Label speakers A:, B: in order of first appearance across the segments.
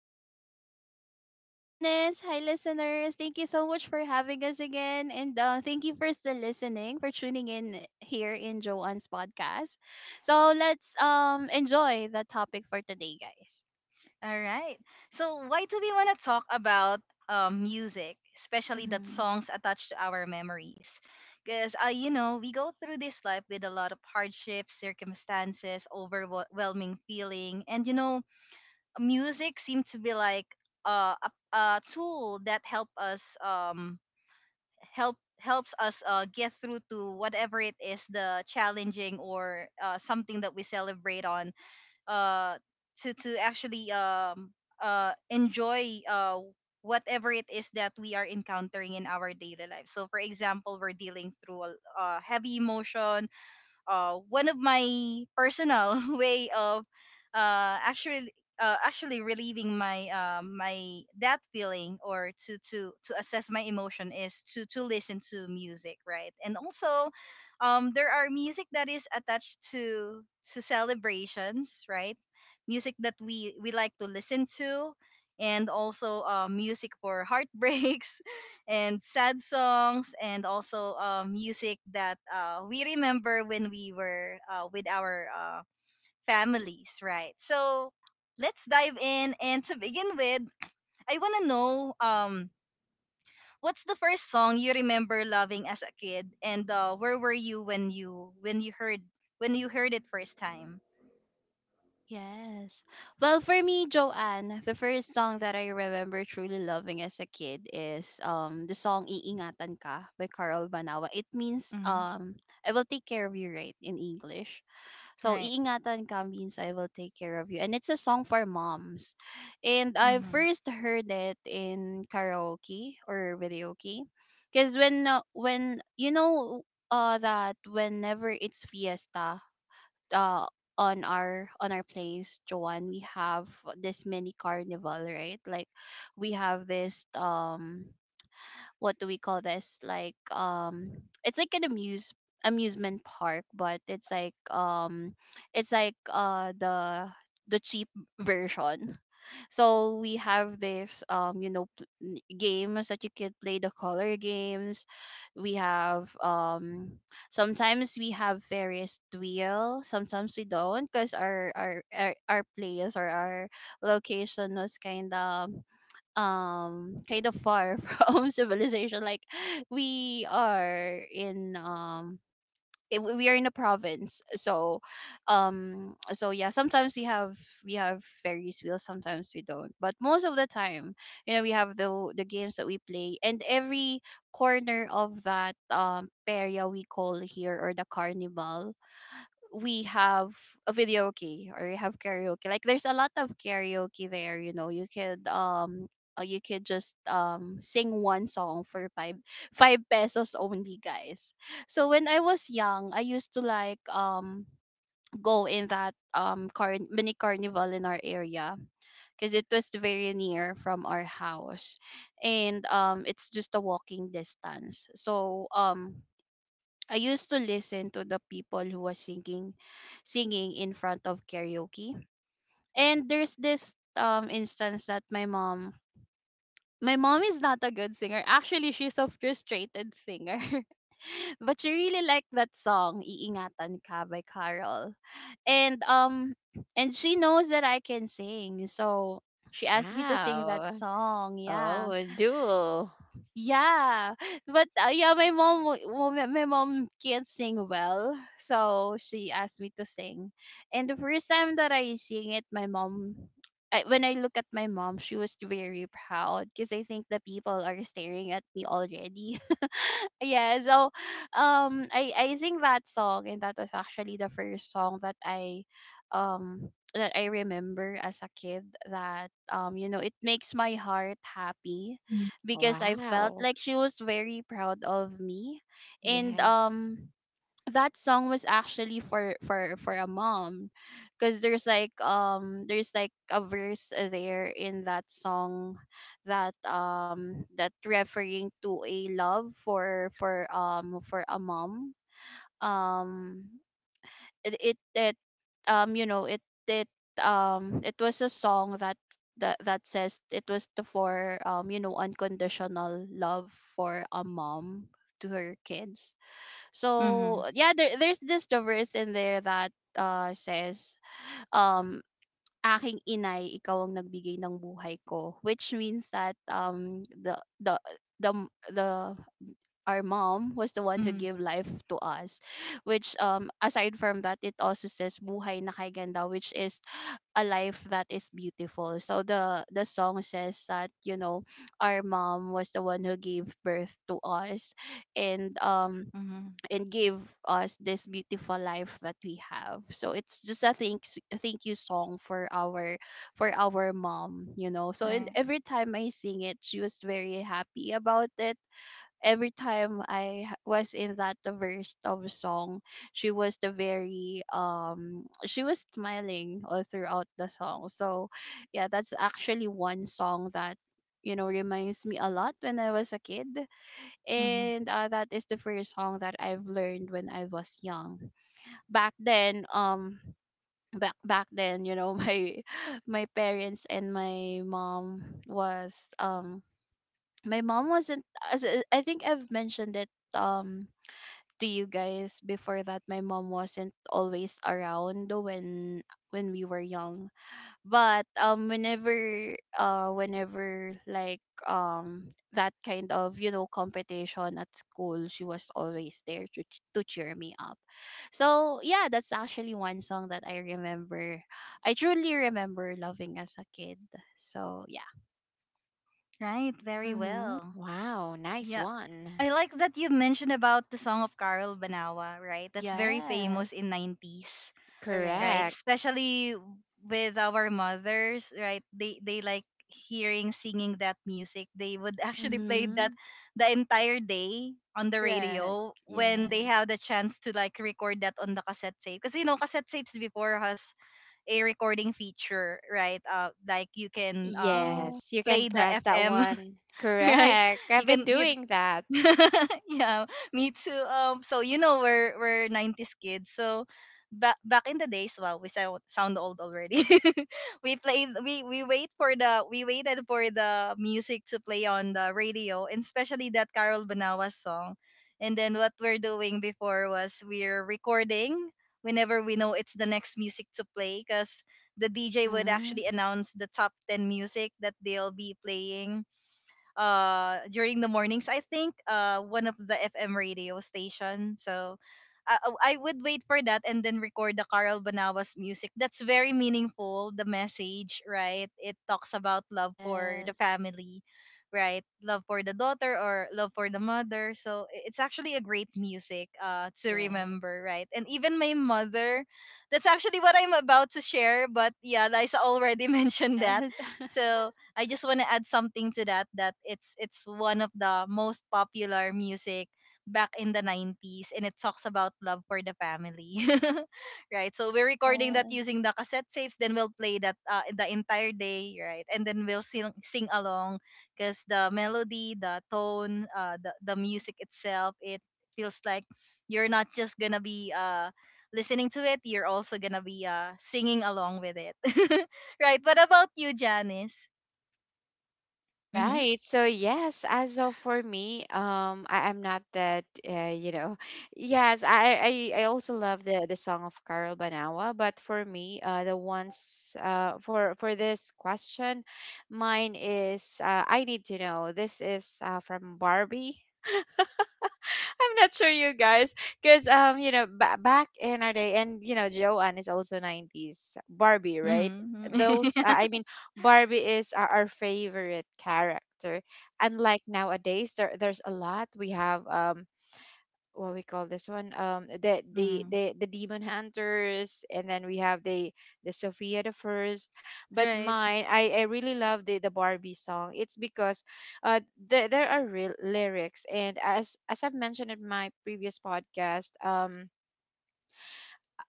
A: Hi. Hi, Joanne. Hi, Janice. Hi, listeners. Thank you so much for having us again. And thank you for still listening, for tuning in here in Joanne's podcast. So let's enjoy the topic for today, guys.
B: All right. So, why do we want to talk about music, especially that
A: Mm-hmm.
B: songs attached to our memories? Because, you know, we go through this life with a lot of hardships, circumstances, overwhelming feeling. And, you know, music seems to be like uh, a, a tool that help us helps us get through to whatever it is the challenging or something that we celebrate on uh, to actually enjoy whatever it is that we are encountering in our daily life. So for example, we're dealing through a heavy emotion, one of my personal way of actually actually relieving my that feeling or to assess my emotion is to listen to music, right? And also, there are music that is attached to celebrations, right? Music that we like to listen to, and also music for heartbreaks and sad songs, and also music that we remember when we were with our families, right? So let's dive in. And to begin with, I want to know, what's the first song you remember loving as a kid, and where were you when you when you heard it first time?
A: Yes. Well, for me, Joanne, the first song that I remember truly loving as a kid is the song Iingatan Ka by Carl Banawa. It means
B: Mm-hmm.
A: I will take care of you, right, in English. So,
B: Right.
A: Iingatan Ka means I will take care of you. And it's a song for moms. And I
B: Mm-hmm.
A: first heard it in karaoke or videoke. Because that whenever it's fiesta, uh, on our place, Joanne, we have this mini carnival, right? Like we have this what do we call this? Like, it's like an amusement park, but it's like, it's like the cheap version. So we have this, you know, games that you can play, the color games. We have, sometimes we have various wheel, sometimes we don't because our place or our location was kind of far from civilization. Like we are in we are in a province, so so yeah, sometimes we have ferries wheels, sometimes we don't, but most of the time, you know, we have the games that we play, and every corner of that area we call here, or the carnival, we have a video key, or you have karaoke. Like there's a lot of karaoke there. You know, you could just sing one song for five pesos only, guys. So when I was young, I used to like go in that mini carnival in our area because it was very near from our house, and it's just a walking distance. So I used to listen to the people who was singing, singing in front of karaoke. And there's this instance that my mom is not a good singer. Actually, she's a frustrated singer. But she really liked that song, Iingatan Ka by Carol. And um and she knows that I can sing. So she asked me to sing that
C: Wow.
A: song. Yeah.
C: Oh, a duel.
A: Yeah, my mom, well, my mom can't sing well, so she asked me to sing. And the first time that I sing it, my mom, I, when I look at my mom, she was very proud because I think the people are staring at me already. Yeah, so I sing that song, and that was actually the first song um that I remember as a kid. That, you know, it makes my heart happy because I felt
C: Wow.
A: like she was very proud of me. And
C: Yes.
A: that song was actually for for a mom because there's like a verse there in that song that that referring to a love for for a mom. Um it it, it you know it it It was a song that that says it was the for, you know, unconditional love for a mom to her kids. So
B: Mm-hmm.
A: yeah, there's this verse in there that says, um aking inay ikaw ang nagbigay ng buhay ko, which means that, the the the our mom was the one who
B: Mm-hmm.
A: gave life to us, which, aside from that, it also says buhay na kay ganda, which is a life that is beautiful. So the song says that, you know, our mom was the one who gave birth to us, and um
B: Mm-hmm.
A: and gave us this beautiful life that we have. So it's just a thank you song for our mom, you know. So and
B: Right.
A: every time I sing it, she was very happy about it. Every time was in that verse of song, she was the very she was smiling all throughout the song. So yeah, that's actually one song that, you know, reminds me a lot when I was a kid,
B: Mm-hmm.
A: and that is the first song that I've learned when I was young. Back then, um. Back back then, you know, my parents and my mom was my mom wasn't, as I think I've mentioned it to you guys before, that my mom wasn't always around when we were young. But whenever, whenever like that kind of, you know, competition at school, she was always there to to cheer me up. So yeah, that's actually one song that I remember, I truly remember loving as a kid. So yeah.
B: Right. Very
A: Mhm.
B: well.
C: Wow. Nice
B: Yeah.
C: one.
B: I like that you mentioned about the song of Carol Banawa, right? That's very
A: Yes.
B: famous in 90s, right?
A: Correct.
C: Correct.
B: Especially with our mothers, right? They like hearing singing that music. They would actually play that
A: Mhm.
B: the entire day on the
A: Correct.
B: radio when they
A: Yes.
B: have the chance to like record that on the cassette tape. Because you know, cassette tapes before has a recording feature, right? Like you can
A: Wow.
C: Yes, you can
B: play the
C: press that
B: FM,
C: one.
B: right?
C: Correct. I've
B: you
C: been
B: can you
C: doing that.
B: yeah, me too. So you know we're nineties kids. So back in the days, wow, we sound old already. we played we wait for the we waited for the music to play on the radio, and especially that Carol Banawa song. And then what we're doing before was we're recording whenever we know it's the next music to play, because the DJ would
A: Mhm.
B: actually announce the top ten music that they'll be playing during the mornings. I think one of the FM radio station. So I, oh, I would wait for that and then record the Carl Banawas music. That's very meaningful, the message, right? It talks about love for the
A: Yes.
B: family, right? Love for the daughter or love for the mother. So it's actually a great music to
A: Correct.
B: remember, right? And even my mother, that's actually what I'm about to share. But yeah, Liza already mentioned that.
A: Yes.
B: So I just want to add something to that, that it's one of the most popular music back in the 90s, and it talks about love for the family. Right? So we're recording that
A: Yes.
B: using the cassette tapes, then we'll play that the entire day, right? And then we'll sing along because the melody, the tone, the music itself, it feels like you're not just going to be listening to it, you're also gonna be singing along with it. Right. What about you, Janice? Mhm.
C: Right. So yes, as of for me, I'm not that, you know, yes, I also love the song of Carol Banawa, but for me, the ones for this question, mine is I Need to Know. This is from Barbie. I'm not sure you guys, because you know, back in our day, and you know, Joanne is also 90s Barbie, right?
B: Mhm.
C: Those,
B: Yeah.
C: I mean, Barbie is our favorite character. Unlike nowadays, there's a lot we have. What we call this one, the
B: Mhm.
C: the Demon Hunters, and then we have the Sophia the First. But
B: Right.
C: mine, I really love the Barbie song. It's because uh the, there are real lyrics, and as I've mentioned in my previous podcast,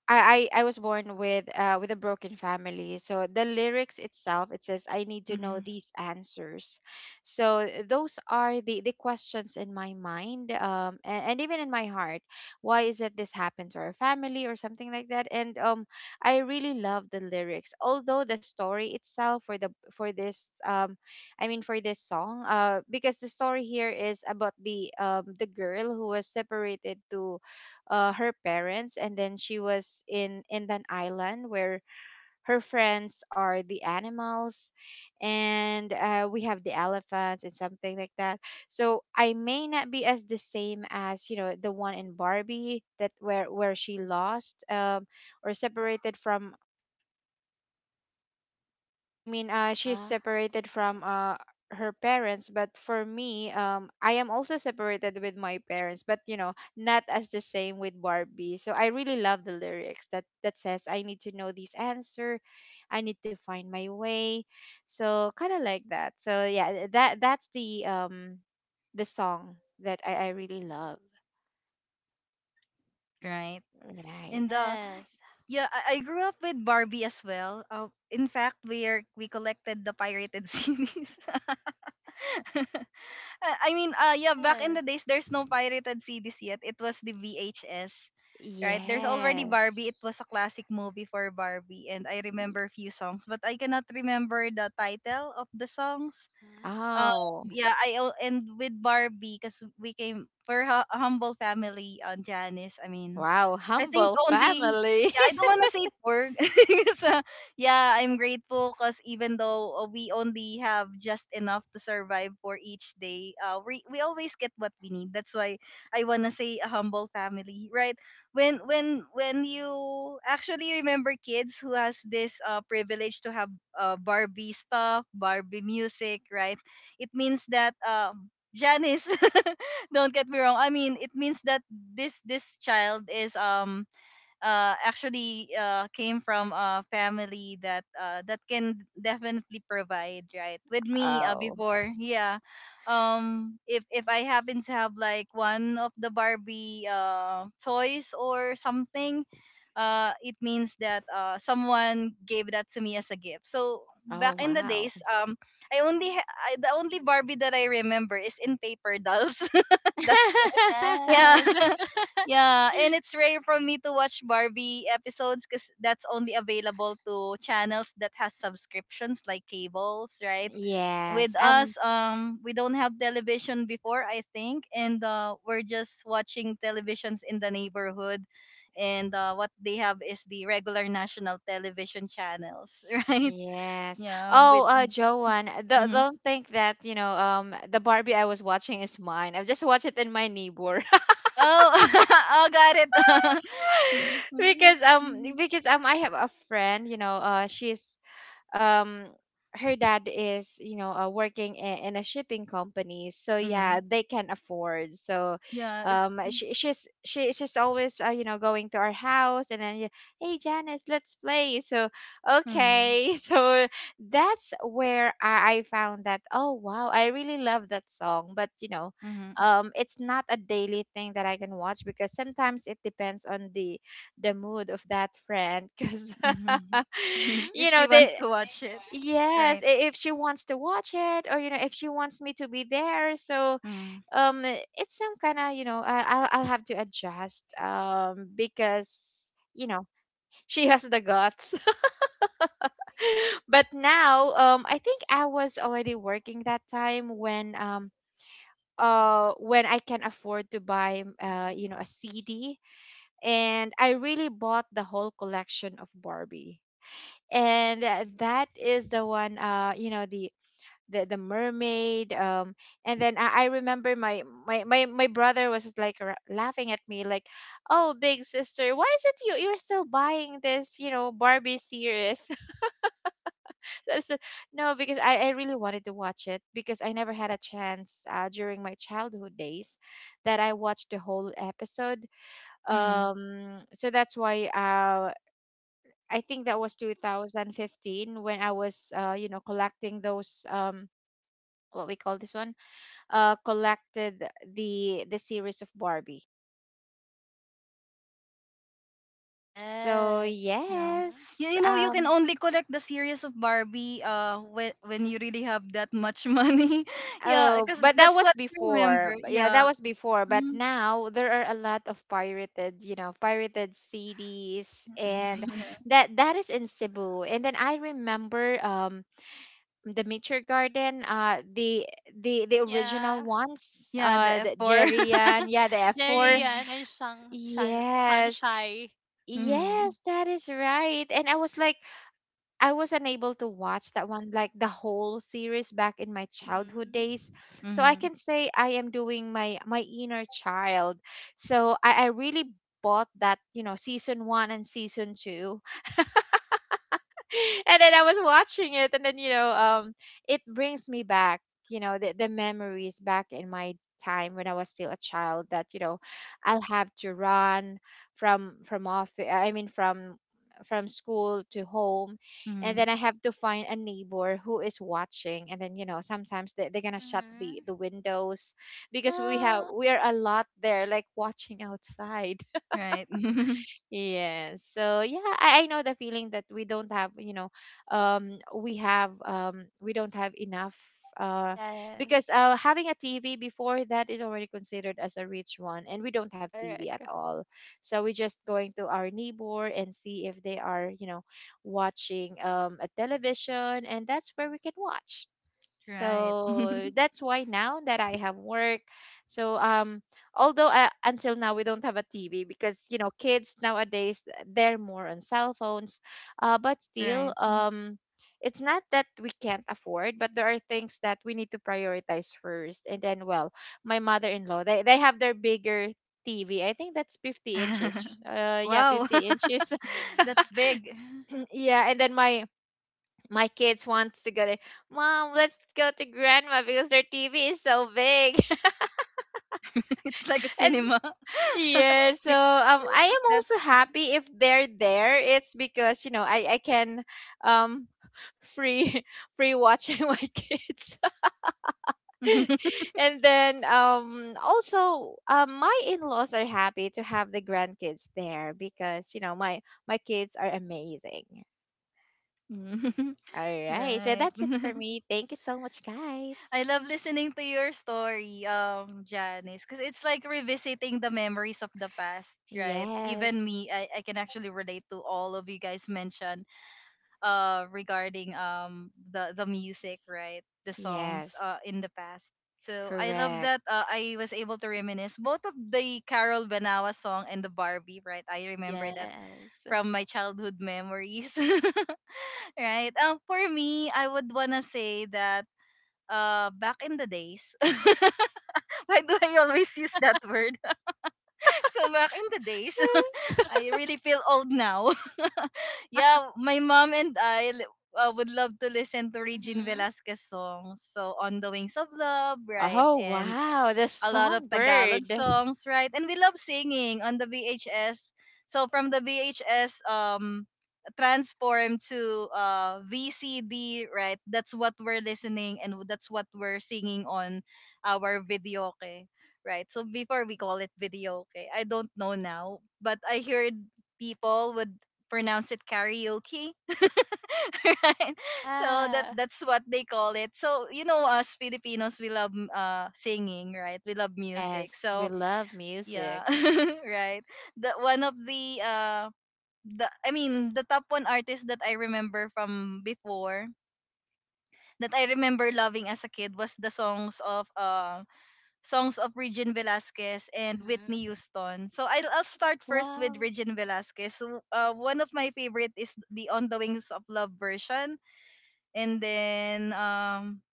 C: I was born with a broken family. So the lyrics itself, it says, "I need to know
B: Mhm.
C: these answers." So those are the questions in my mind, and even in my heart. Why is it this happened to our family, or something like that? And I really love the lyrics. Although the story itself for the for this I mean, for this song, because the story here is about the, the girl who was separated to, her parents, and then she was in an island where her friends are the animals, and we have the elephants and something like that. So I may not be as the same as, you know, the one in Barbie, that where she lost, or separated from, I mean, she's
A: Huh?
C: separated from her parents. But for me, I am also separated with my parents, but you know, not as the same with Barbie. So I really love the lyrics that that says, "I need to know this answer, I need to find my way." So kind of like that. So yeah, that that's the, the song that I really love.
B: Right.
C: Right.
B: And
A: Yes.
B: yeah, I grew up with Barbie as well. In fact, we collected the pirated CDs. I mean, yeah, back in
A: Yes.
B: the days there's no pirated CDs yet. It was the VHS. Right? There's already Barbie. It
C: Yes.
B: was a classic movie for Barbie and I
C: Y-
B: remember a few songs, but I cannot remember the title of the songs.
A: Mhm.
B: Um,
C: Oh,
B: yeah, and with Barbie, because we came we're a humble family on Janice. I mean,
C: wow.
B: I think
C: Humble
B: only
C: family.
B: yeah, I don't want to say poor. So, yeah, I'm grateful because even though we only have just enough to survive for each day, we always get what we need. That's why I wanna say a humble family, right? When you actually remember kids who has this privilege to have Barbie stuff, Barbie music, right? It means that Janice don't get me wrong. I mean, it means that this child is actually came from a family that that can definitely provide, right? With me
C: oh.
B: before, yeah, if I happen to have like one of the Barbie toys or something, it means that someone gave that to me as a gift. So
C: Oh,
B: back in the
C: wow.
B: days, I only the only Barbie that I remember is in paper dolls. That's yeah.
A: Yes.
B: Yeah, and it's rare for me to watch Barbie episodes because that's only available to channels that has subscriptions like cables, right? With
C: Yes.
B: us, we don't have television before, I think, and we're just watching televisions in the neighborhood, and what they have is the regular national television channels, right?
C: Yes.
B: Yeah, with
C: Oh, Joanne, do
B: mhm.
C: don't think that, you know, the Barbie I was watching is mine. I just watched it in my neighbor.
B: Oh, oh, got it. Mm-hmm.
C: Because I have a friend, you know, she's um her dad is, you know, working in a shipping company, so yeah,
B: Mm-hmm.
C: they can afford. So
B: Yeah, it.
C: she, she's always, you know, going to our house, and then yeah, hey, Janice, let's play. So
B: Mm.
C: okay. So that's where I found that, oh wow, I really love that song. But you know,
B: Mhm.
C: it's not a daily thing that I can watch, because sometimes it depends on the mood of that friend. Because
B: Mhm.
A: Mhm.
B: If
C: you
B: she
C: know,
B: wants
C: they,
B: to watch it,
C: Yes,
B: right?
C: i- if she wants to watch it, or you know, if she wants me to be there. So
B: Mm.
C: it's some kind of, you know, I'll have to adjust, because you know, she has the guts. But now, I think I was already working that time when I can afford to buy,
A: Mhm.
C: you know, a CD, and I really bought the whole collection of Barbie. And that is the one, you know, the the Mermaid. And then I remember my, my brother was just like laughing at me like, oh, big sister, why is it you, you're still buying this, you know, Barbie series? I said, no, because I really wanted to watch it because I never had a chance, during my childhood days, that I watched the whole episode.
B: Mm.
C: So that's why I think that was 2015 when I was, you know, collecting those, what we call this one, collected the series of Barbie. So
A: Yes.
B: Yeah.
A: Mhm.
B: You,
C: yes,
B: you know you can only collect the series of Barbie when you really have that much money. Yeah,
C: oh,
B: because
C: but that
B: that's
C: was
B: what I
C: before.
B: remember.
C: But yeah,
B: Yeah.
C: that was before. But
B: Mm.
C: now there are a lot of pirated, you know, pirated CDs, and
A: Mhm.
B: Yeah.
C: that that is in Cebu. And then I remember, the Nature Garden, the original
A: Yeah.
C: ones,
B: Yeah, the
C: the
B: F4.
A: Mhm.
C: Jerian, yeah, the
A: Jerry
C: F4.
B: Mm.
A: Yan and Shang Shan
C: Yes,
A: Sunshine.
C: yes, that is right. And I was like, I was unable to watch that one, like the whole series back in my childhood
A: Mhm.
C: days. So I
B: Mm.
C: can say I am doing my my inner child. So I really bought that, you know, season one and season two. And then I was watching it, and then you know, it brings me back, you know, the memories back in my time when I was still a child. That, you know, I'll have to run from office. I mean, from school to home, and then
B: Mm.
C: I have to find a neighbor who is watching, and then you know, sometimes they, they're gonna shut the
A: Mhm.
C: windows, because we have,
A: Yeah.
C: we are a lot there like watching outside.
B: Right.
C: Yes. So yeah, I know the feeling that we don't have, you know, we have, we don't have enough, uh, because
A: Yes.
C: having a TV before, that is already considered as a rich one, and we don't have TV at
A: Correct.
C: all. So we're just going to our neighbor and see if they are, you know, watching, a television, and that's where we can watch.
B: Right.
C: So that's why now that I have work, so although until now we don't have a TV because you know, kids nowadays they're more on cell phones, but still
B: Right.
C: it's not that we can't afford, but there are things that we need to prioritize first. And then well, my mother-in-law, they have their bigger TV. I think that's 50 inches.
A: Mhm.
C: Yeah,
B: Wow.
C: 50 inches.
B: That's big.
C: Yeah, and then my kids wants to go to mom. Let's go to grandma because their TV is so big.
B: It's like a
C: And
B: cinema. Cinema
C: yeah, so
B: feels
C: I
B: is
C: am
B: that
C: also happy if they're there. It's because you know, I can um free free watching my kids. And then also, my in-laws are happy to have the grandkids there because you know, my kids are amazing. All right, so
B: right.
C: that's it for me. Thank you so much, guys.
B: I love listening to your story, Janice, because it's like revisiting the memories of the past, right? Even
C: Yes.
B: me, I can actually relate to all of you guys mentioned regarding the music, right? The songs
C: Yes,
B: in the past. So I love
C: correct.
B: that I was able to reminisce both of the Carol Benawa song and the Barbie, right? I remember that
A: Yes.
B: from my childhood memories. Right? For me, I would wanna say that back in the days. Why do I always use that word? So back in the days, I really feel old now. Yeah, my mom and I would love to listen to Regine
A: Mhm.
B: Velasquez songs. So on the Wings of Love, right?
C: Oh,
B: And
C: wow, the
B: a lot of Tagalog
C: songbird.
B: songs, right? And we love singing on the VHS. So from the VHS transformed to VCD, right? That's what we're listening and that's what we're singing on our videoke, right? So before we call it videoke. I don't know now, but I heard people would pronounce it karaoke. Right? So that
A: Yeah.
B: that's what they call it. So you know, us Filipinos, we love singing, right? We love music.
C: Yes, we
B: So
C: love music.
B: yeah, right. The one of the the top one artist that I remember from before that I remember loving as a kid was the songs of Regine Velasquez and
A: Mhm.
B: Whitney Houston. So I'll start first with
A: Wow.
B: Regine Velasquez. So, one of my favorite is the On the Wings of Love version and then um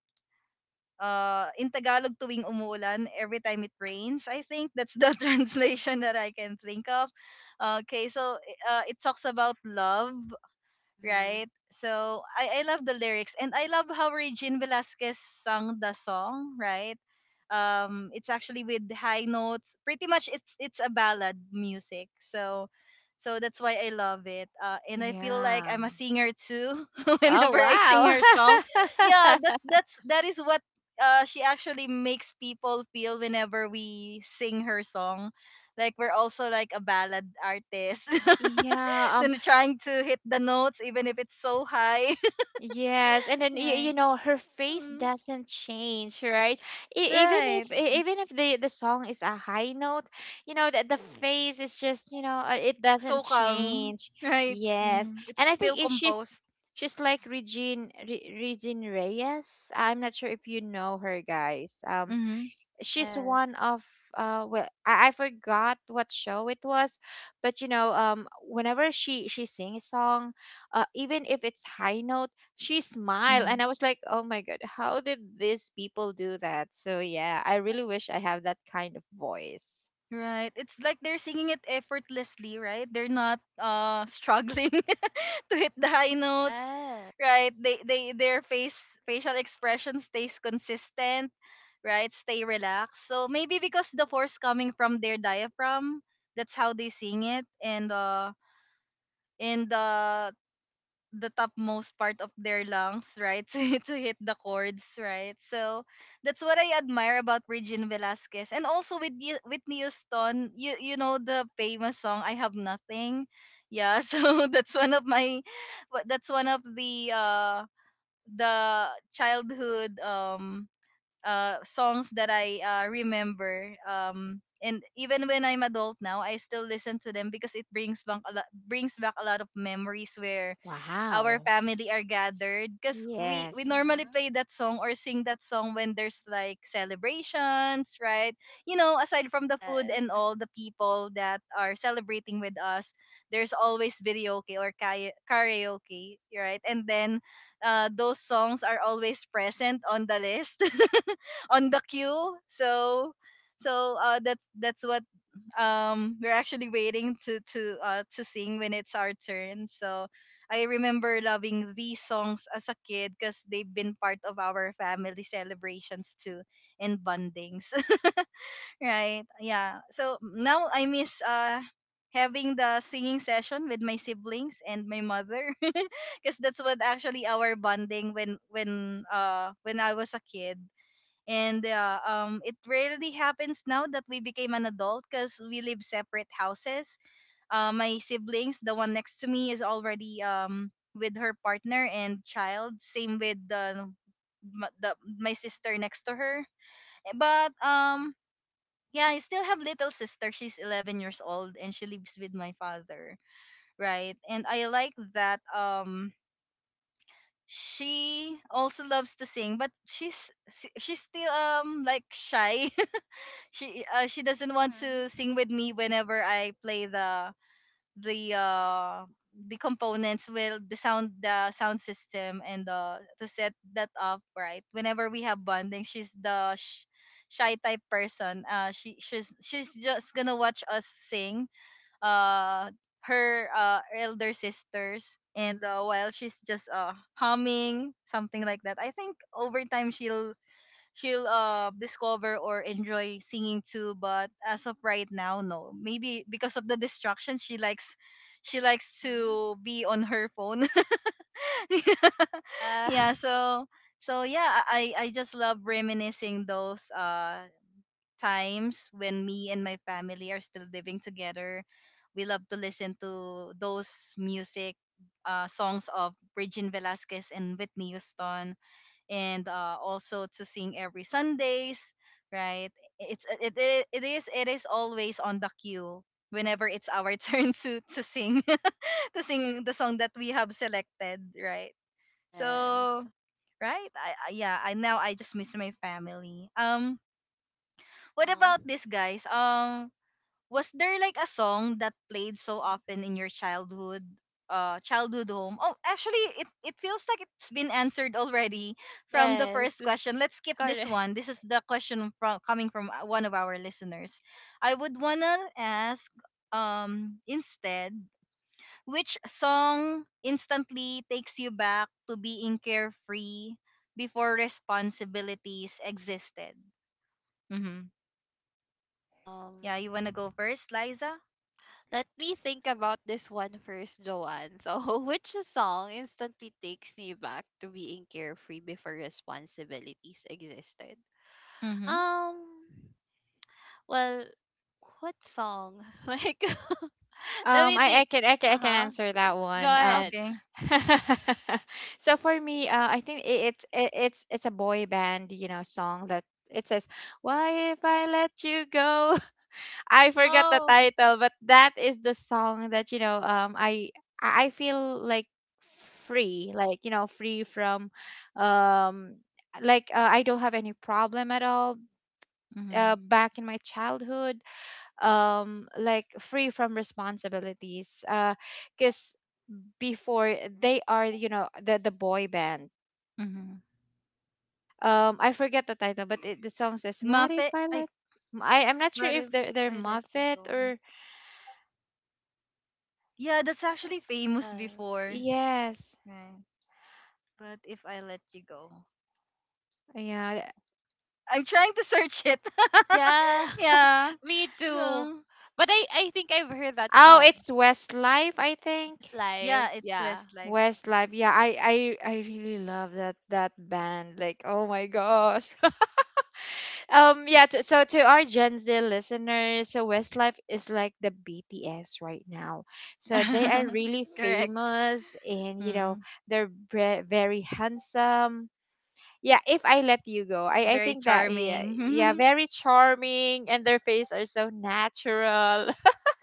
B: uh in Tagalog tuwing umuulan, every time it rains. I think that's the translation that I can think of. Okay, so it talks about love,
A: Mhm.
B: right? So I love the lyrics and I love how Regine Velasquez sung the song, right? It's actually with high notes. Pretty much, it's a ballad music. So, so that's why I love it. And I feel like
C: Yeah.
B: I'm a singer too.
C: Oh,
B: Whenever I sing her song, yeah,
C: wow.
B: that's that is what she actually makes people feel whenever we sing her song. Like we're also like a ballad artist.
C: Yeah.
B: Then trying to hit the notes even if it's so high.
C: Yes, and then you,
B: Right.
C: you know her face
B: Mm.
C: doesn't change, right? Even
B: Right.
C: if even if the song is a high note, you know that the face is just, you know, it doesn't
B: So calm.
C: change.
B: Right.
C: Yes,
B: Mm. It's
C: and I
B: still
C: think
B: composed.
C: she's Regine Regine Reyes. I'm not sure if you know her, guys.
B: Mm-hmm.
C: She's
A: Yes.
C: one of, well, I forgot what show it was, but you know, whenever she sings a song, even if it's high note, she smile.
B: Mm-hmm.
C: And I was like, oh my god, how did these people do that? So yeah, I really wish I have that kind of voice.
B: Right. It's like they're singing it effortlessly, right? They're not struggling to hit the high notes.
A: Yes.
B: Right. They their face facial expression stays consistent, right? Stay relaxed. So maybe because the force coming from their diaphragm, that's how they sing it and the topmost part of their lungs, right? To hit the chords, right? So that's what I admire about Regine Velasquez. And also with Whitney Houston, you know the famous song I Have Nothing. Yeah, so that's one of that's one of the childhood songs that I remember. And even when I'm adult now, I still listen to them because it brings back a lot of memories where our
C: Wow.
B: family are gathered because we
C: Yes.
B: normally
A: Mhm.
B: play that song or sing that song when there's like celebrations, right? You know, aside from the food and
A: Yes.
B: all the people that are celebrating with us, there's always videoke or karaoke, right? And then those songs are always present on the list on the queue. So that's what we're actually waiting to sing when it's our turn. So I remember loving these songs as a kid because they've been part of our family celebrations too and bondings. Right. Yeah. So now I miss having the singing session with my siblings and my mother because that's what actually our bonding when when I was a kid and it rarely happens now that we became an adult because we live separate houses. My siblings, the one next to me, is already with her partner and child. Same with the, m- the my sister next to her. But yeah, I still have little sister. She's 11 years old and she lives with my father, right? And I like that she also loves to sing, but she's still like shy. She she doesn't want to
A: Mhm.
B: sing with me whenever I play the uh the components will the sound system, and to set that up, right? Whenever we have bonding, she's the shy type person. She's just gonna watch us sing, uh her elder sisters. And while she's just humming something like that, I think over time she'll discover or enjoy singing too, but as of right now, no. Maybe because of the distractions, she likes
A: Mhm.
B: to be on her phone.
A: Yeah.
B: Yeah, so yeah, I just love reminiscing those times when me and my family are still living together. We love to listen to those music songs of Regine Velasquez and Whitney Houston, and also to sing every Sundays, right? It's it, it it is It is always on the queue whenever it's our turn to sing to sing the song that we have selected, right? So
A: Yes.
B: right, I yeah, I now I just miss my family. What
A: Oh.
B: about this, guys? Was there like a song that played so
A: Mhm.
B: often in your childhood childhood home? Oh, actually it feels like it's been answered already from the
A: Yes.
B: first question. Let's skip this
A: Correct.
B: one. This is the question from coming from one of our listeners. I would wanna ask instead, which song instantly takes you back to being carefree before responsibilities existed? Mm-hmm.
A: Um.
B: Yeah, you wanna go first, Liza?
A: Let me think about this one first, Joanne. So, which song instantly takes me back to being carefree before responsibilities existed?
B: Mm-hmm.
A: Um. Well, what song? Like, let
C: Um,
A: me
C: I I
A: think.
C: can I can I
A: Uh
C: can
A: huh.
C: answer that
A: Go
C: one.
A: ahead.
B: Okay.
C: So for me, I think it's a boy band, you know, song that it says, "Why if I let you go?" I forgot the
A: Oh,
C: title, but that is the song that, you know. I feel like free, like you know, free from, um, like I don't have any problem at all.
B: Mm-hmm.
C: Back in my childhood, like free from responsibilities, because before they are, you know, the boy band.
B: Mm-hmm.
C: I forget the title, but the song says, "What if
B: Muffet.
C: I let—" I'm not sure
B: What
C: if
B: if
C: they're, they're
B: I let you
C: Muffet
B: go?
C: or...
B: Yeah, that's actually famous
A: yes.
B: before.
C: Yes,
B: Right. But if I let you go,
C: yeah.
B: I'm trying to search it.
A: Yeah,
B: Yeah.
A: me too.
B: So
A: But I think I've heard that
C: Oh,
A: song.
C: it's Westlife, I think.
A: Best
B: yeah,
A: Life.
B: it's
A: Yeah.
B: Westlife.
C: Westlife, yeah, I really love that band, like, oh my gosh. Yeah, so to our Gen Z listeners, so Westlife is like the BTS right now. So they are really
B: Correct.
C: famous, and, you know,
B: Mm.
C: they're very handsome. Yeah, if I let you go, I
B: Very
C: think that, yeah, yeah,
B: charming.
C: very charming, and their face are so natural.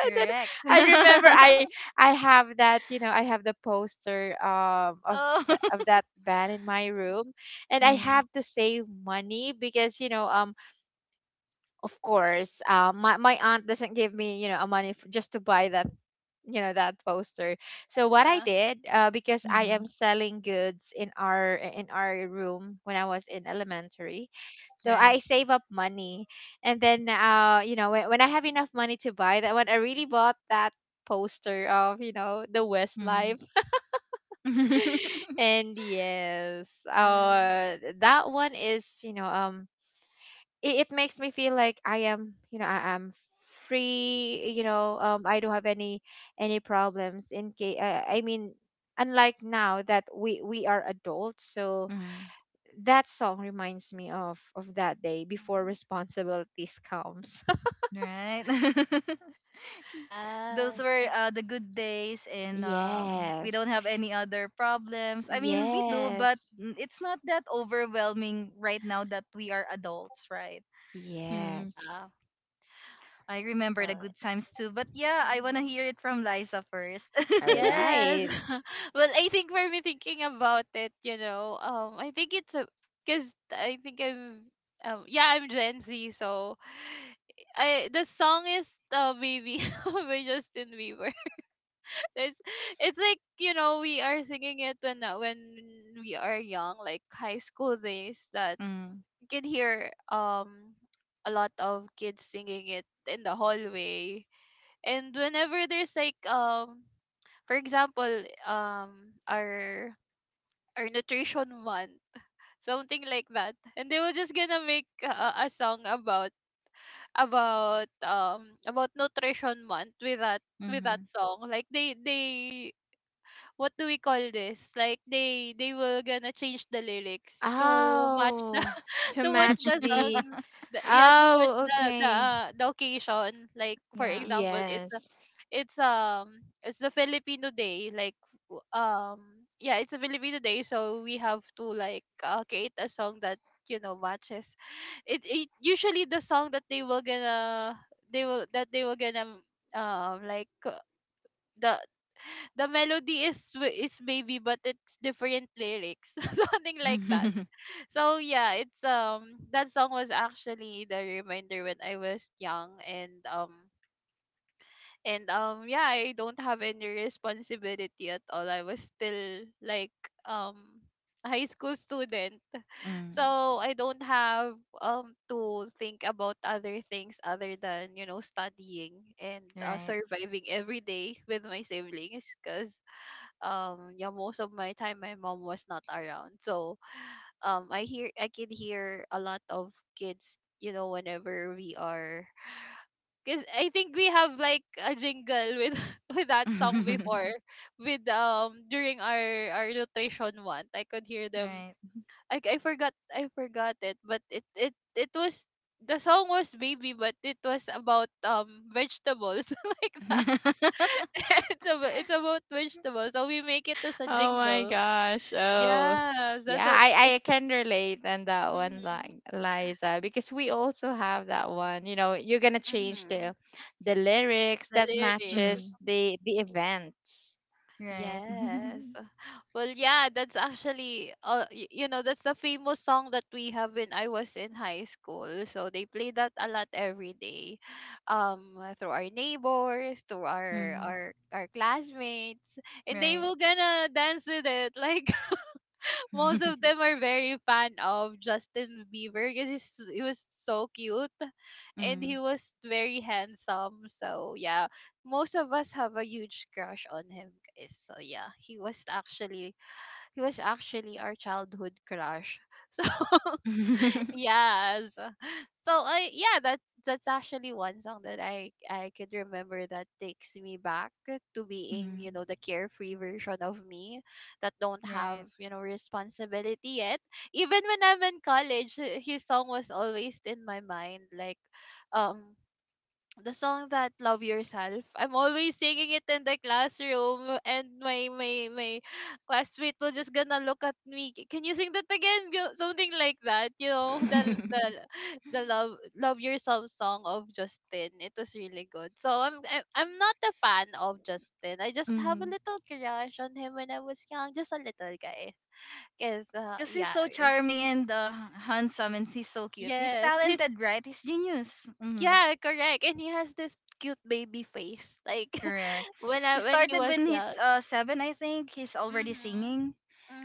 C: then
B: Correct.
C: I remember I have that, I have the poster
B: Oh.
C: of that band in my room, and I
B: Mm.
C: have to save money because, of course, my aunt doesn't give me a just to buy that you know that poster. So
A: Uh
C: what I
A: huh.
C: did, because I
B: Mm-hmm.
C: am selling goods in our room when I was in elementary. So I
B: Right.
C: save up money, and then, when I have enough money to buy that one, I really bought that poster of the Westlife.
B: Mm-hmm.
C: And yes,
A: Yes.
C: that one is, it makes me feel like I am, I am free. I don't have any problems. In case, I mean, unlike now that we are adults, so that song reminds me of that day before
A: Mhm.
C: responsibilities comes.
B: Right. Those
A: Yes.
B: were the good days, and we don't
C: Yes,
B: have any other problems. I mean, we do, but
C: yes,
B: it's not that overwhelming right now that we are adults, right? Mm,
C: yes.
A: Yeah.
B: I remember the
A: Well,
B: good times too, but yeah, I wanna
A: mhm.
B: hear it from Liza first.
C: All
A: Yes.
C: right.
A: Well, I think for me, thinking about it, you know, I think it's a, because I think yeah, I'm Gen Z, so I, the song is "Baby" by Justin Bieber. It's like, you know, we are singing it when, when we are young, like high school days. That
B: Mm,
A: you can hear, a lot of kids singing it in the hallway, and whenever there's like, for example, our nutrition month, something like that, and they were just gonna make a song about about nutrition month with that, with that
B: mm-hmm.
A: song. Like they what do we call this? Like they were gonna change the lyrics to match the
C: Oh, to
A: to match
C: match
A: the song,
C: the.
A: yeah, to match
C: Oh, okay.
A: the occasion. Like for
B: Yeah.
A: example,
C: Yes.
A: it's um it's the Filipino day. Like, w- um yeah, it's a Filipino day. So we have to like, create a song that, you know, matches. It usually, the song that they were gonna, they will, that they were gonna, like, the the melody is, is Baby, but it's different lyrics, something like that.
B: Mm,
A: So yeah, it's that song was actually the reminder when I was young. And yeah, I don't have any responsibility at all. I was still like, um a high school student. So I don't have to think about other things other than, you know, studying and,
B: right.
A: surviving every day with my siblings because, yeah, most of my time my mom was not around. So I can hear a lot of kids, you know, whenever we are, cause I think we have like a jingle with with that song before, with, during our nutrition one. I could hear them.
B: Right.
A: I forgot it, but it was, the song was Baby, but it was about, vegetables, like that. It's about, it's about vegetables, so we make it as a
C: Oh my
A: jingle.
C: gosh. Oh.
A: Yes, that's
C: Yeah,
A: what.
C: I can relate on that one,
A: Mm-hmm,
C: like Liza, because we also have that one. You know, you're gonna change
A: mm-hmm.
C: the lyrics
A: The
C: that
A: lyrics.
B: Mm,
C: matches the events.
B: right.
A: Yes. Well, yeah, that's actually, you know, that's the famous song that we have when I was in high school. So they play that a lot every day. Through our neighbors, to
B: Mm,
A: our classmates, and they
B: right.
A: will gonna dance with it. Like most of them are very fan of Justin Bieber because he was so cute and
B: Mm.
A: he was very handsome. So yeah, most of us have a huge crush on him, guys. So yeah, he was actually our childhood crush. So yes. So I yeah, that that's actually one song that I could remember that takes me back to being, you
B: Mm.
A: know, the carefree version of me that don't have,
B: Right.
A: you know, responsibility yet. Even when I'm in college, his song was always in my mind like um the song that love yourself, I'm always singing it in the classroom, and my classmate will just gonna look at me, Can you sing that again? Something like that, you know, the the the love yourself song of Justin. It was really good. So I'm not a fan of Justin. I just have a
B: Hmm.
A: little crush on him when I was young, just a little, guys. Because
B: Because he's
A: yeah.
B: so
A: Yes.
B: charming and handsome, and he's so cute. He's
A: Yes, his
B: talented, right? He's genius. Hmm.
A: Yeah, correct. And he has this cute baby face. Like
B: Correct.
A: when
B: He
A: I when he
B: started
A: was
B: when
A: young.
B: he's seven, I think. He's already
A: Mhm.
B: singing.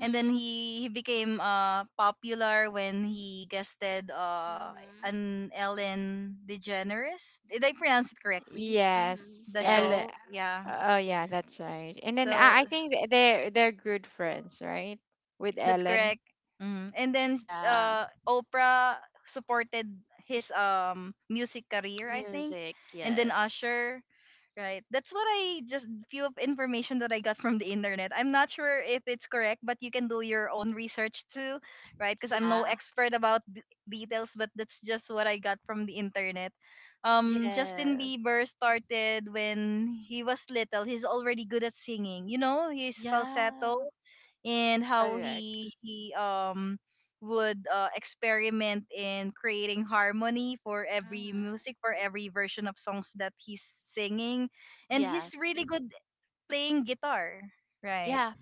B: And then he became popular when he guested
A: Mhm.
B: an Ellen DeGeneres. Did I pronounce it correctly?
A: Mhm.
C: Yes.
B: The
C: L
A: Yes.
B: show? Yeah.
C: Oh yeah, that's right. And then
B: So
C: I think they're good friends, right? With
B: that's
C: Ellen.
B: correct. Mhm. And then
A: Yeah.
B: Oprah supported his music career, I think.
A: Music.
B: And then
A: Yes.
B: Usher, right? That's what I just few of information that I got from the internet. I'm not sure if it's correct, but you can do your own research too, right? Because I'm no
A: Yeah.
B: expert about details, but that's just what I got from the internet. Justin
A: Yes.
B: Bieber started when he was little. He's already good at singing. You know, his falsetto
A: Yeah.
B: and how
A: Correct.
B: he would experiment in creating harmony for
A: Mhm.
B: every music for every version of songs that he's singing, and he's
A: Yes.
B: really good playing guitar, right?
A: Yeah.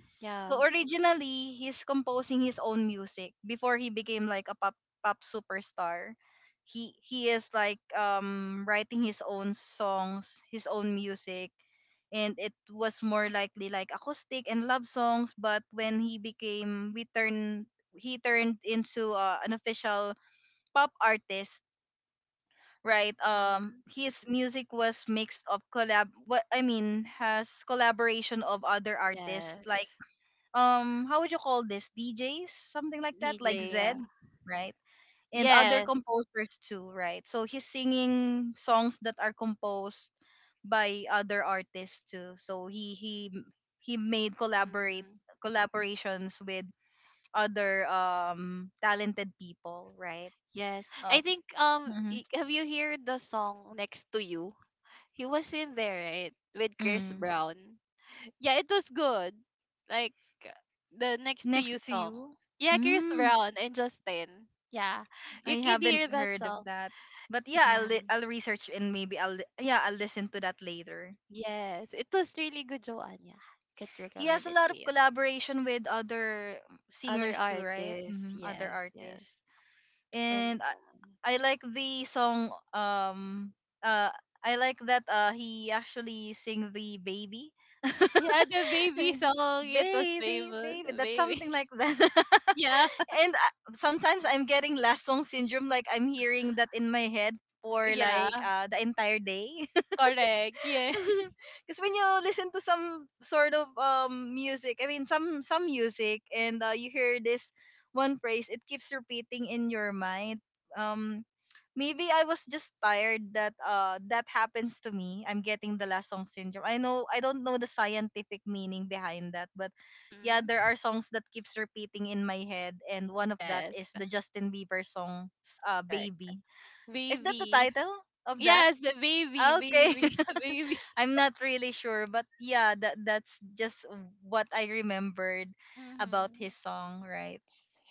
B: So
A: Yeah.
B: originally he's composing his own music before he became like a pop superstar. He he is like writing his own songs, his own music, and it was more likely like acoustic and love songs. But when he turned into an official pop artist, right?
A: Mhm.
B: His music was mixed of collab what I mean has collaboration of other artists, like
A: Yes.
B: how would you call this, djs, something like that, like
A: DJ.
B: Zed,
A: Yeah.
B: right? And other
A: Yes.
B: composers too, right? So he's singing songs that are composed by other artists too. So he made collaborate
A: Mhm.
B: collaborations with other talented people, right?
A: Yes. I
B: Um,
A: think
B: mhm,
A: have you heard the song Next to You? He was in there, right? With Chris
B: mm.
A: Brown. Yeah, it was good. Like the next to you
B: Next to
A: song.
B: you,
A: Yeah, Chris
B: mm,
A: Brown and Justin. Yeah.
B: I
A: You could hear
B: haven't
A: that
B: heard of
A: song.
B: that. But yeah,
A: Yeah.
B: I'll research, and maybe yeah, I'll listen to that later.
A: Yes. It was really good, Joanne. Yeah. Could
B: He has
A: recommend
B: a
A: it
B: lot
A: to
B: of
A: you.
B: collaboration with other
A: Other
B: singers too, right?
A: artists,
B: Hmm. Other
A: yes, yes.
B: artists.
A: And
B: And I like the song uh I like that he actually sing the baby.
A: yeah, the baby song, it was
B: Baby,
A: famous.
B: baby.
A: The
B: That's
A: baby.
B: something like that.
A: Yeah.
B: And sometimes I'm getting last song syndrome, like I'm hearing that in my head for like
A: Yeah.
B: the entire day.
A: Correct. Yeah.
B: Because when you listen to some sort of music, I mean some music, and you hear this one phrase, it keeps repeating in your mind. Um, Maybe I was just tired that that happens to me. I'm getting the last song syndrome. I don't know the scientific meaning behind that, but yeah, there
A: hmm
B: are songs that keeps repeating in my head, and one of that
A: Yes.
B: is the Justin Bieber song,
A: Correct.
B: "Baby." Is that the
A: Baby.
B: title of that?
A: Yes, the baby,
B: Ah, okay.
A: baby, baby.
B: I'm not really sure, but yeah, that's just what I remembered about
A: Mm-hmm.
B: his song, right?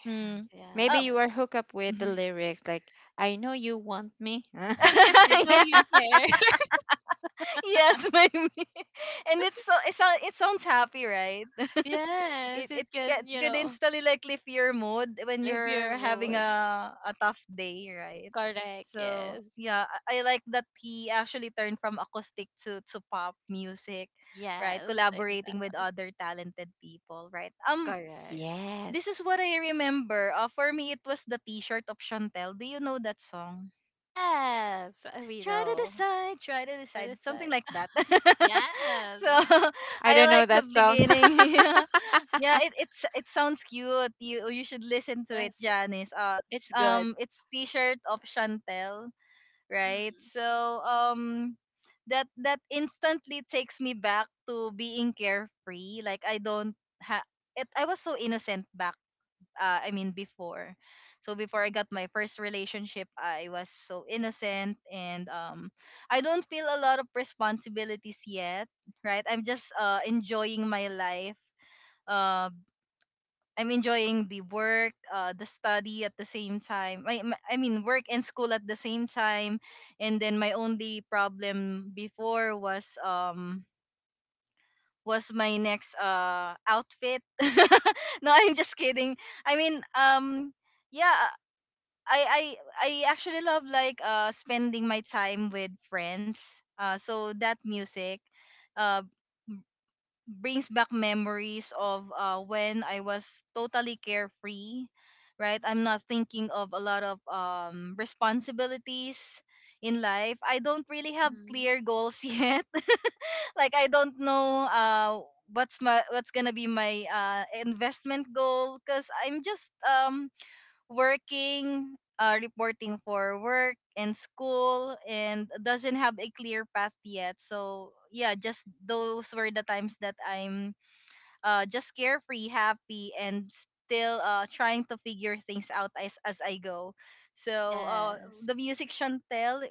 B: Mm.
C: Maybe
B: Oh,
C: you
A: Yeah.
C: are hooked up with the lyrics, like, "I know you want me."
A: I know
B: yeah,
A: you care.
B: yes, maybe. And it sounds happy, right?
A: Yes,
B: it
A: it
B: it get
A: can, you
B: could
A: know,
B: instantly like lift your mood when
A: lift your
B: you're having
A: mood.
B: a tough day, right?
A: Correct,
B: So
A: yes.
B: yeah, I like that he actually turned from acoustic to pop music, right?
A: Yes,
B: Collaborating
A: exactly.
B: with other talented people, right?
A: Correct.
B: This
C: Yes.
B: is what I remember. For me, it was the T-shirt of Chantel. Do you know that song?
A: Yes, we know.
B: Try to
A: That is
B: decide, something
A: right.
B: like that. So
A: Yes.
C: I
B: I
C: don't know
B: like the
C: that song.
B: beginning. Yeah, yeah. It sounds cute. You should listen to it,
A: Yes,
B: Janice.
A: it's good.
B: It's T-shirt of Chantel, right?
A: Mm-hmm.
B: So that instantly takes me back to being carefree. Like I don't ha. It, I was so innocent back I mean before. So before I got my first relationship, I was so innocent, and I don't feel a lot of responsibilities yet, right? I'm just enjoying my life. Uh I'm enjoying the work, the study at the same time. I mean, work and school at the same time. And then my only problem before was my next outfit. No, I'm just kidding. I mean, yeah, I I I actually love like spending my time with friends. So that music uh brings back memories of when I was totally carefree, right? I'm not thinking of a lot of responsibilities in life. I don't really have
A: Mm-hmm.
B: clear goals yet. Like I don't know what's gonna be my investment goal, because I'm just working, reporting for work and school, and doesn't have a clear path yet. So yeah, just those were the times that I'm just carefree, happy, and still trying to figure things out as I go. So uh,
A: Yes.
B: the music Chantel,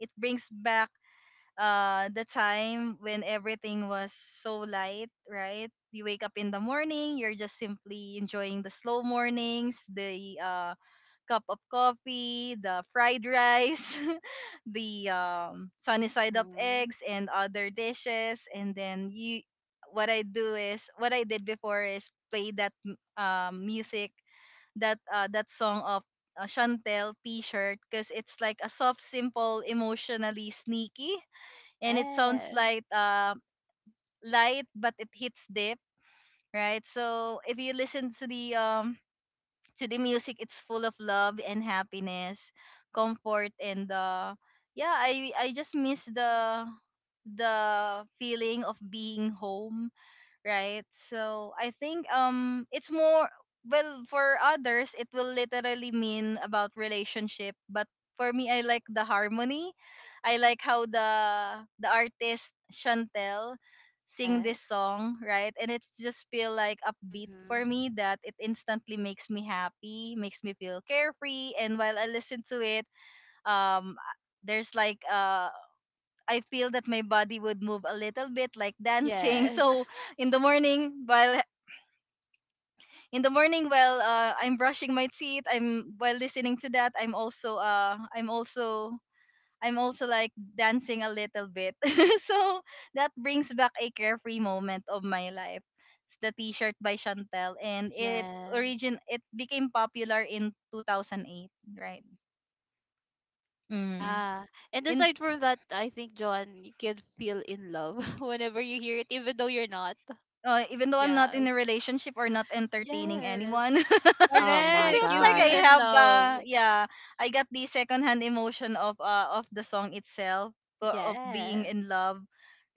B: it brings back the time when everything was so light, right? You wake up in the morning, you're just simply enjoying the slow mornings, the cup of coffee, the fried rice, the sunny side up
A: Mm-hmm.
B: eggs, and other dishes. What I do is, what I did before is play that music, that song of Chantel T-shirt, because it's like a soft, simple, emotionally sneaky, and it sounds
A: Yes.
B: like light, but it hits deep, right? So if you listen to the music, it's full of love and happiness, comfort, and yeah, I just miss the feeling of being home, right? So I think it's more, well, for others it will literally mean about relationship, but for me I like the harmony. I like how the artist Chantel sing
A: Yes.
B: this song, right? And it's just feel like upbeat
A: Mm-hmm.
B: for me that it instantly makes me happy, makes me feel carefree. And while I listen to it, um there's like I feel that my body would move a little bit, like dancing.
A: Yes.
B: So in the morning while in the morning while I'm brushing my teeth, I'm while listening to that, I'm also like dancing a little bit. So that brings back a carefree moment of my life. It's the t-shirt by Chantel, and
A: Yes.
B: it became popular in 2008, right? Mm.
A: Yeah. And
B: In
A: aside from that, I think John, you can feel in love whenever you hear it, even though you're not.
B: Uh, even though I'm not
A: Yes.
B: in a relationship or not entertaining
A: Yes.
B: anyone, it
C: Oh my
A: Correct.
B: feels
A: You
B: like
C: God.
A: feel
B: I
A: in
B: have
A: love.
B: yeah, I got the secondhand emotion of the song itself, of being
A: Yes.
B: in love,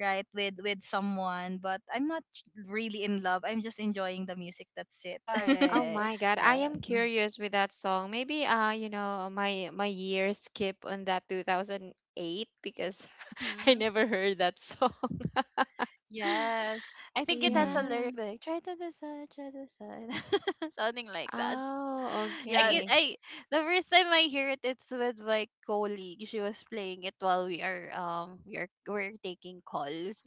B: right, with someone, but I'm not really in love. I'm just enjoying the music. That's it.
C: Oh
A: Correct.
C: my God. I
A: Yeah.
C: am curious with that song. Maybe, my year skip on that 2008 because I
A: Mm-hmm.
C: never heard that song.
A: Yes. I think it has a
B: Mm-hmm.
C: Yeah.
A: lyric like try to decide, try to decide. Something like that.
C: Oh,
A: I
B: Yeah,
A: get
C: okay.
A: I the first time I hear it, it's with my colleague. She was playing it while we're taking calls.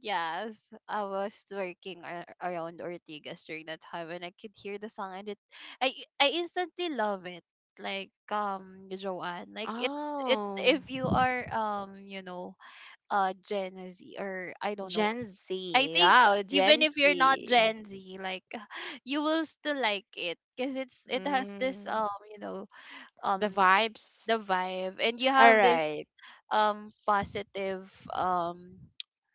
A: Yes, I was working around Ortigas during that time, and I could hear the song, and I, I instantly love it. Like Joanne, like it.
C: Oh,
A: If you are you know, Gen Z, or I don't know.
C: Gen
A: I
C: Z.
A: think
C: Wow,
A: even
C: Gen
A: if you're not
C: Z.
A: Gen Z, like you will still like it because it has this
C: Mm,
A: you know,
C: the
A: um,
C: vibes.
A: the vibe, and you
C: All
A: have this
C: right. S-
A: positive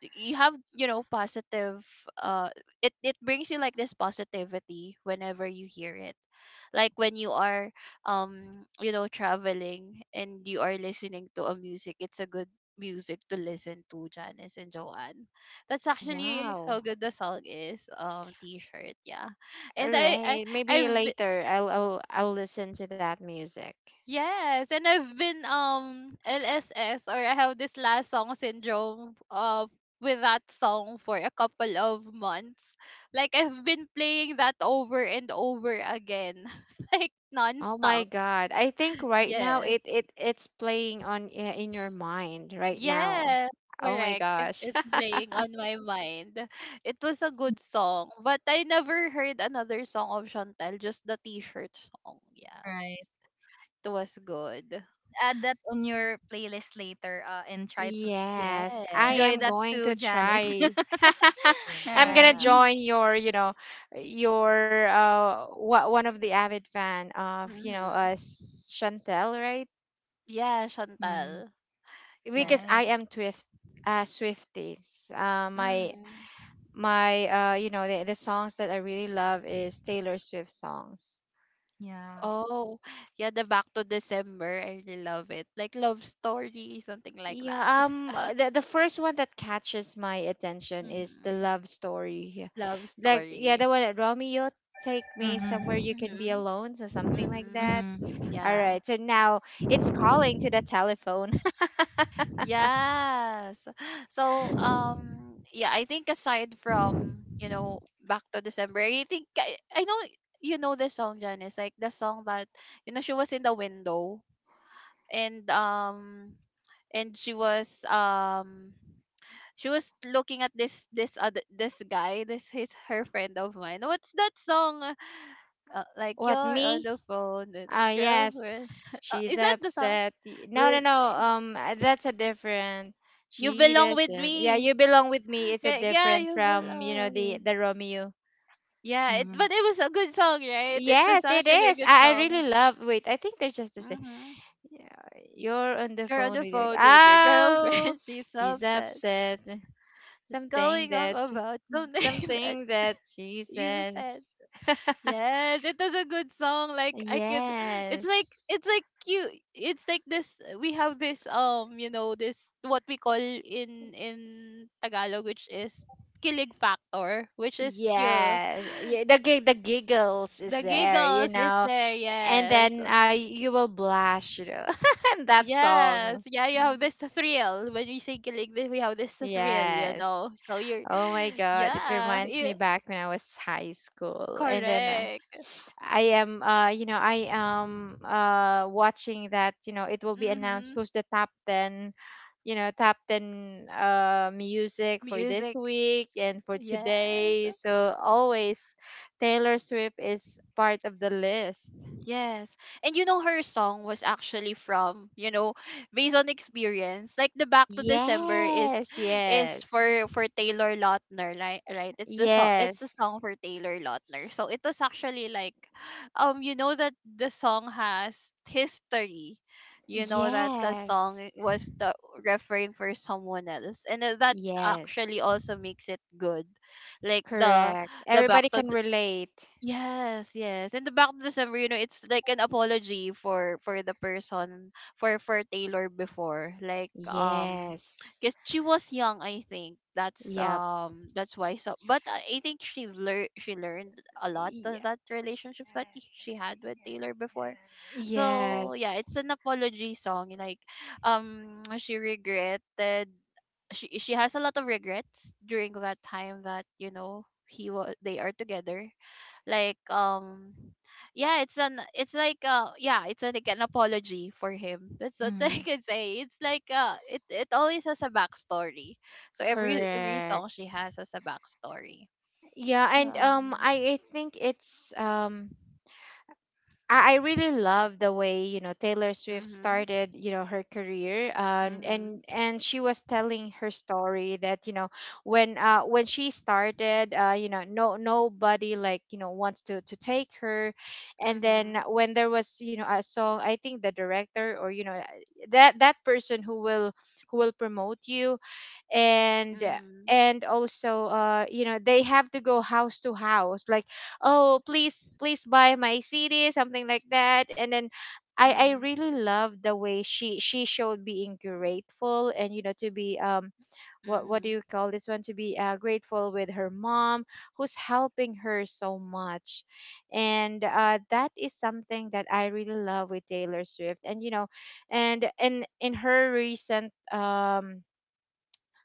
A: you have, you know, positive uh it brings you like this positivity whenever you hear it, like when you are you know, traveling and you are listening to a music. It's a good music to listen to, Janice and Joanne. That's actually how
C: Wow.
A: good the song is, um, t-shirt, yeah. And
C: All right. Maybe
A: I've
C: later I'll listen to that music.
A: Yes, and I've been LSS, or I have this last song syndrome with that song for a couple of months. Like I've been playing that over and over again. Like
C: Oh my
A: nonstop.
C: God. I think right now
A: Yes.
C: it's playing on in your mind right now.
A: Yes.
C: Oh my
A: Correct.
C: gosh.
A: It's playing on my mind. It was a good song, but I never heard another song of Chantel, just the t-shirt song. Yeah.
B: right.
A: It was good.
B: Add that on your playlist later, and try to
C: Yes, I
A: Yes.
B: enjoy
C: am
B: that
C: going
B: too,
C: to
B: Janice. All
C: try. I'm gonna
B: right.
A: Yeah.
C: join your, you know, your wha- one of the avid fan of,
A: Mm-hmm.
C: Chantel, right?
A: Yeah,
B: Mm-hmm.
A: Chantal. Yeah.
C: Because
B: Right.
C: I am Twift Swifties. My
A: Mm.
C: my you know the songs that I really love is Taylor Swift songs.
B: Yeah.
A: Oh, yeah, the Back to December. I really love it. Like love story, something like that.
C: Yeah, the first one that catches my attention is the
A: hmm
C: love story. Yeah.
A: Love
C: Like, yeah,
A: story.
C: the one that Romeo, take me somewhere
B: Mhm.
C: you can
A: Mm-hmm.
C: be alone, so something like
A: Mm-hmm.
C: that.
B: Mhm.
C: All
A: Yeah.
C: right, so now it's calling to the telephone.
A: Yes. So, yeah, I think aside from, you know, Back to December, I know you know the song, Janice, like the song that, you know, she was in the window, and and she was um she was looking at this other, this guy this his her friend of mine. What's that song? Like,
C: What,
A: you're on
C: me?
A: the phone with a
C: Oh yes,
A: girlfriend,
C: she's
A: is that the song
C: upset. No, no,
A: with
C: no. That's a different.
A: you
C: She
A: belong with
C: doesn't. Yeah,
A: me?
C: you belong with me. It's a
A: Yeah,
C: different
A: you
C: from you know
A: belong
C: the
A: with
C: the
A: me.
C: Romeo.
A: Yeah,
B: Mhm.
A: but it was a good song, right? It was
C: Yes, it
A: actually a
C: is.
A: good
C: I
A: song.
C: really love. Wait, I think they're just the same.
A: Mm-hmm.
C: Yeah, you're on the
A: You're on
C: phone
A: the
C: with your,
A: phone with your
C: oh,
A: girlfriend, she's
C: she's
A: upset,
C: upset.
A: she's
C: Something
A: going off
C: that she,
A: about something that
C: Something that she
A: you
C: said.
A: said. Yes, it was a good song. Like it's like,
C: Yes.
A: it's like you. It's like this. We have this you know, this what we call in Tagalog, which is kilig factor, which is your
C: Yeah. Yeah, the giggles is
A: the
C: there, you
A: giggles is
C: know.
A: there.
C: And
A: Yes,
C: then you will blush. in that
A: yes,
C: song.
A: yeah. You have this thrill when we say kilig. Then we have this thrill, you
C: Yes.
A: know. So
C: Oh my God, it
A: yeah,
C: reminds
A: yeah
C: me back when I was high school. And then,
A: correct.
C: I am, you know, I am watching that, it will be announced
A: Mm-hmm.
C: who's the top 10, top 10 music for this
A: Music,
C: week and for
A: yes.
C: today. So always Taylor Swift is part of the list.
A: Yes. And you know, her song was actually from, you know, based on experience. Like the Back to December
C: Yes,
A: is
C: yes,
A: for Taylor Lautner, right? Right. It's the
C: yes,
A: song for Taylor Lautner. So it was actually like you know, that the song has history. You know that the song
C: yes,
A: was the referring for someone else. And then that actually
C: yes.
A: also makes it good. Like
C: Correct.
A: the back
C: Everybody
A: to
C: can relate.
A: Yes, yes. And the back to December, you know, it's like an apology for the person for Taylor before. Like
C: Yes.
A: because she was young, I think.
C: Yep.
A: That's why. So but I think she learned a lot of
C: Ye-
A: that relationship that she had with Taylor before. So
C: Yes.
A: yeah, it's an apology song. Like she regretted she has a lot of regrets during that time that, you know, he was they are together, like yeah, it's like yeah, it's like an apology for him. That's what I
B: Mhm.
A: can say. It's like it, it always has a backstory. So every
C: Correct.
A: song she has a backstory.
C: Yeah,
A: So
C: and um I, I think I really love the way Taylor Swift
A: mm-hmm
C: started, her career, and
A: mm-hmm
C: and she was telling her story that, when when she started, you know no nobody, wants to take her. And
A: mm-hmm
C: then when there was, a song, I think the director, or, that person who will promote you, and
A: mm-hmm
C: and also, they have to go house to house, like, "Oh, please, please buy my CD," something like that. And then I
A: mm-hmm
C: really love the way she showed being grateful, and, to be, what do you
A: mm-hmm
C: call this one, to be, grateful with her mom who's helping her so much. And, that is something that I really love with Taylor Swift. And, and in her recent,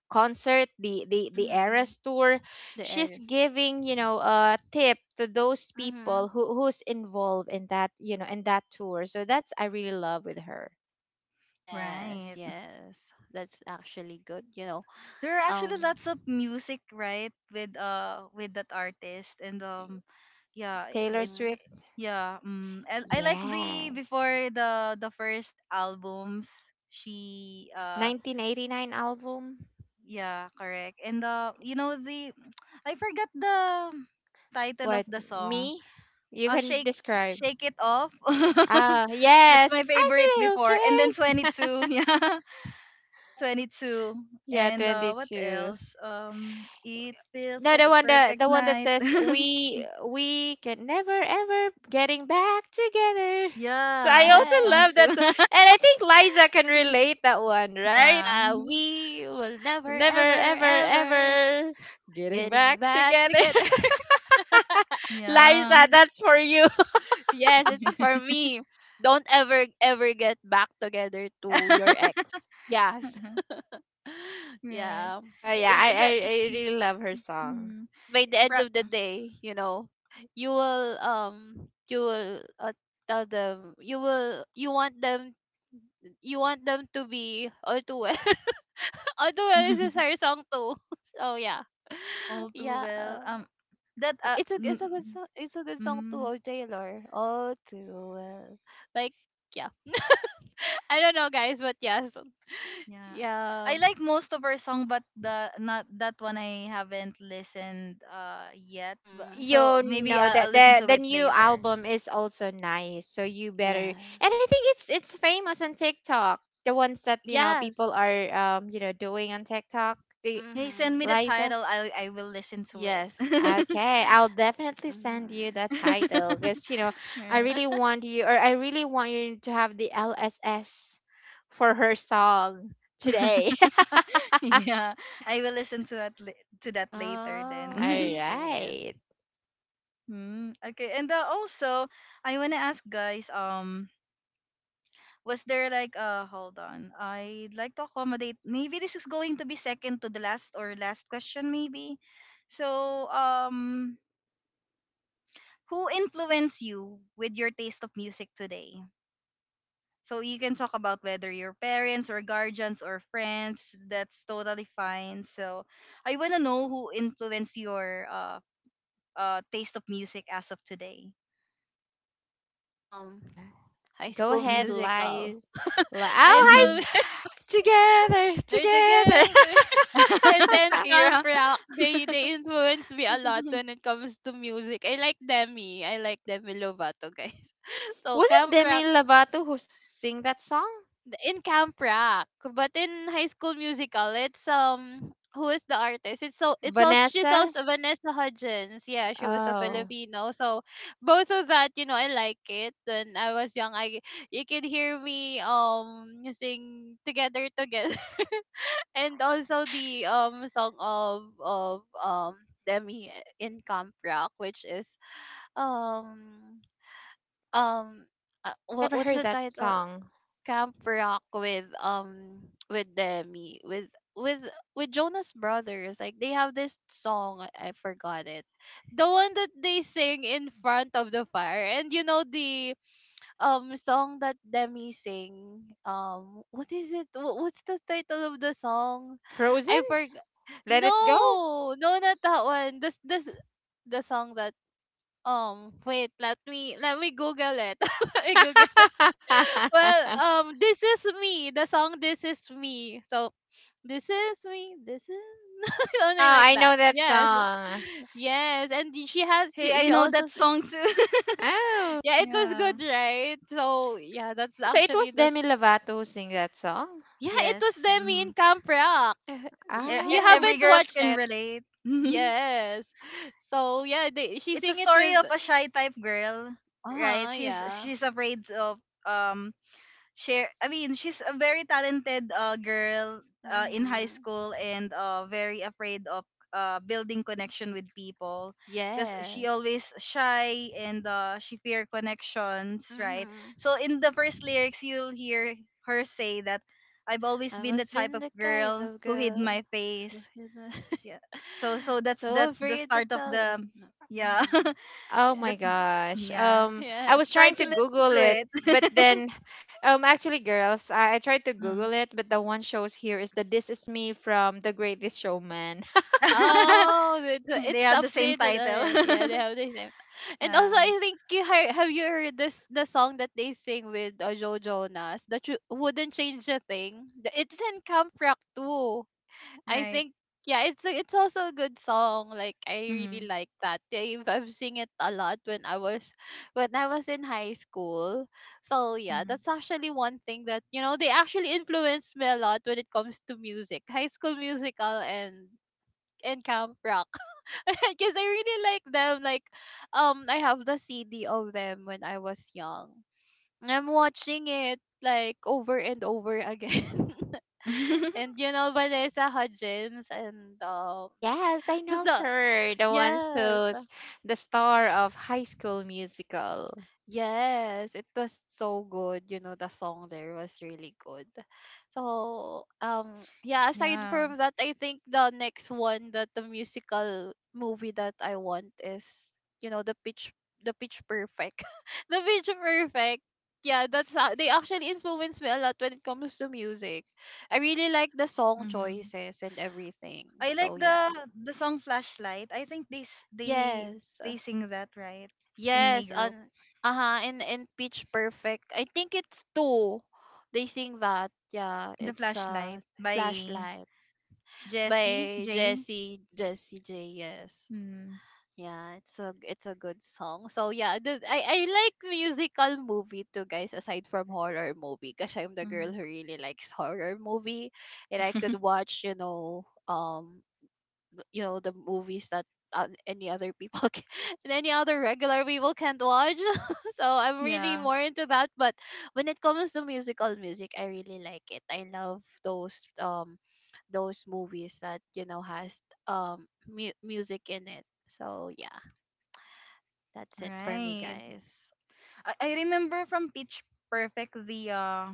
C: concert, the
A: hmm
C: Eras Tour,
A: the
C: she's
A: heiress
C: giving, a tip to those
A: mm-hmm
C: people who's involved in that, in that tour. So that's, I really love with her.
A: yes,
B: Right.
A: yes, that's actually good, you know.
B: There are actually
A: Um,
B: lots of music, right, with that artist. And yeah,
C: Taylor
B: it-
C: Swift.
A: mm-hmm.
B: Yeah, I like
C: Yeah,
B: the, before, the first albums she
C: 1989 album.
B: yeah, correct. And you know the, I forgot the title of
C: What,
B: the song.
C: me?
B: Uh
C: You can
B: shake
C: describe.
B: Shake It Off.
C: Ah
B: That's
C: yes,
B: my
C: I said
B: favorite
C: it,
B: before. And then
C: okay.
B: 22, yeah. 22.
C: Yeah,
B: And what
C: 22.
B: else, it feels
C: No,
B: like
C: the
B: a
C: one that
B: perfect
C: the one that
B: night.
C: says we can never ever getting back together. So
B: Yeah,
C: I
B: that
C: also
B: song
A: Yes.
C: love that,
B: too.
C: and I think Liza can relate that one, right?
B: Yeah,
A: Yeah,
B: mm-hmm,
A: we will never,
C: Never
A: ever,
C: ever
A: ever
C: ever getting
A: getting
C: back
A: back
C: together,
A: together.
B: yeah.
C: Liza. That's for you.
A: Yes, it's for me. Don't ever, ever get back together to your ex. Yes.
B: Right.
A: Yeah.
C: So yeah,
B: it
C: I
B: it
C: I,
B: that,
C: I really love her song.
B: mm,
A: But by the end
B: ra-
A: of the day, you know, you will tell them, you want them, you want them to be all too well. All too well is our song too. So yeah.
B: All too
A: Yeah.
B: well, that
A: It's a good song. It's a good song to
B: mm,
A: O Taylor. Oh, too well. Like yeah, I don't know, guys, but yes,
B: yeah,
A: yeah,
B: I like most of her song, but the not that one, I haven't listened yet. But
A: mm,
B: so
C: You
B: maybe
C: know that
B: I'll listen
C: the
B: to
C: the
B: it
C: new
B: later.
C: album is also nice, so you better.
A: yes,
C: And I think it's famous on TikTok, the ones that,
A: yes,
C: people are, doing on TikTok, the
B: Hey, send me the
A: mm-hmm.
C: Liza,
B: title. I will listen to it.
A: Yes, yes.
C: okay, I'll definitely send you
A: Mm-hmm.
C: that title because, I
B: Right.
C: really want you, or I really want you to have the LSS for her song today.
B: Yeah, I will listen to to that later
A: Oh,
C: All
A: I
B: then.
A: see.
C: right.
B: Mm, okay, and also I wanna ask guys, was there like, hold on, I'd like to accommodate. Maybe this is going to be second to the last or last question, maybe. So, who influenced you with your taste of music today? So you can talk about whether your parents or guardians or friends. That's totally fine. So I wanna know who influenced your taste of music as of today.
A: Um, High
C: Go
A: School
C: ahead,
A: Musical.
C: lies. Oh,
A: High
C: hi.
B: Mm-hmm.
A: School.
C: Together,
A: They're
C: together.
A: together. And then Camp
B: Shakira.
A: Rock, they influence me a lot when it comes to music. I like Demi. I like Demi Lovato, guys. So
C: Was it
A: Camp Rock
C: Demi Lovato who sing that song?
A: in Camp Rock. But in High School Musical, it's who is the artist? It's also, she's
C: Vanessa?
A: also Vanessa Hudgens. Yeah, she was a
C: Oh,
A: Filipino. So both of that, you know, I like it. When I was young, I you could hear me sing together together. And also the song of Demi in Camp Rock, which is um um
C: I
A: what
C: never
A: what's
C: heard
A: the
C: that
A: title?
C: song.
A: Camp Rock with Demi with with with Jonas Brothers. Like they have this song, I forgot it. The one that they sing in front of the fire, and you know the song that Demi sing. What is it? What's the title of the song? I
C: Frozen?
A: for.
C: Let it go?
A: No, no, not that one. This the song that wait, let me Google it. I Google it. Well,
C: Oh,
A: this is me. The song This Is Me. So this is only like
C: I
A: that.
C: know that
A: Yes.
C: song.
A: Yes. And she has
B: Hey, I
A: she
B: know
A: also
B: that song too.
C: Oh.
A: yeah, it was
B: Yeah.
A: good, right? So yeah, that's
C: Oh, so it
A: actually
C: was
A: the
C: Demi Lovato who sing that song?
A: yeah, it was
B: Yes.
A: Demi in
B: Mhm.
A: Camp Rock.
B: E- e-
A: You
B: every
A: haven't
C: Oh.
B: girls
A: watched
B: can
A: it.
B: relate.
A: Yes. So yeah, she
B: It's a
A: sing it
B: story
A: with
B: of a shy type girl, right?
A: uh-huh,
B: She's
A: yeah.
B: she's afraid of, um, share, I mean, she's a very talented girl in high
A: Mhm.
B: school, and very afraid of building connection with people because she
A: Yes.
B: always shy, and she fear connections, right?
A: Mhm.
B: So in the first lyrics you'll hear her say that, I've always
A: I've
B: been the
A: always
B: type
A: been
B: of
A: the kind
B: girl
A: of
B: who hid
A: girl
B: my
A: who
B: face.
A: hid
B: Yeah, so so
A: so
B: that's the
A: afraid to
B: start of
A: tell
B: the,
A: him. No.
B: yeah.
A: Mhm.
C: Oh my
B: That's,
A: Yeah.
C: gosh.
B: yeah,
C: I
A: Yes.
C: was
B: try
C: trying
B: to
C: to
B: listen
C: Google
B: to
C: it, but
B: it.
C: then, actually, girls, I tried to Google it, but the one shows here is the "This Is Me" from The Greatest Showman.
A: Oh,
B: They
A: it's
B: have the same
A: updated
B: title.
A: already. Yeah, they have the same. And also,
B: Yeah,
A: I think you heard, have you heard this the song that they sing with Joe Jonas, that you wouldn't change a thing. It's in Camp Rock too. I
B: right.
A: think yeah, it's also a good song. Like I really
B: Mm-hmm.
A: like that. I've sing it a lot when I was in high school. So yeah,
B: Mm-hmm.
A: that's actually one thing that, you know, they actually influenced me a lot when it comes to music, High School Musical and Camp Rock. Because I really like them. Like I have the CD of them when I was young. I'm watching it like over and over again. And you know Vanessa Hudgens and
C: Yes, I
A: who's
C: know
A: the
C: her, the one
A: yes
C: who's the star of High School Musical.
A: Yes, it was so good. You know, the song there was really good. So, yeah, aside
B: Yeah.
A: from that, I think the next one that the musical movie that I want is, you know, the Pitch Perfect. The Pitch Perfect. Yeah, that's how they actually influence me a lot when it comes to music. I really like the song
B: Mm-hmm.
A: choices and everything.
B: I like
A: So, yeah.
B: the song Flashlight. I think they
A: Yes.
B: they sing that, right, in a
A: Yes,
B: group.
A: on uh-huh, in Pitch Perfect. I think it's two. They sing that. Yeah,
B: The
A: it's
B: Flashlight by
A: Flashlight
B: Jesse
A: by
B: J.
A: Jesse J. Yes.
B: Mm.
A: Yeah, it's a good song. So yeah, I like musical movie too, guys. Aside from horror movie, because I'm the
B: Mm.
A: girl who really likes horror movie, and I could watch, you know, you know the movies that any other people can, and any other regular people can't watch. So I'm really
B: Yeah,
A: more into that. But when it comes to musical music, I really like it. I love those movies that, you know, has music in it. So yeah, that's it for me,
B: right.
A: guys.
B: I remember from Pitch Perfect the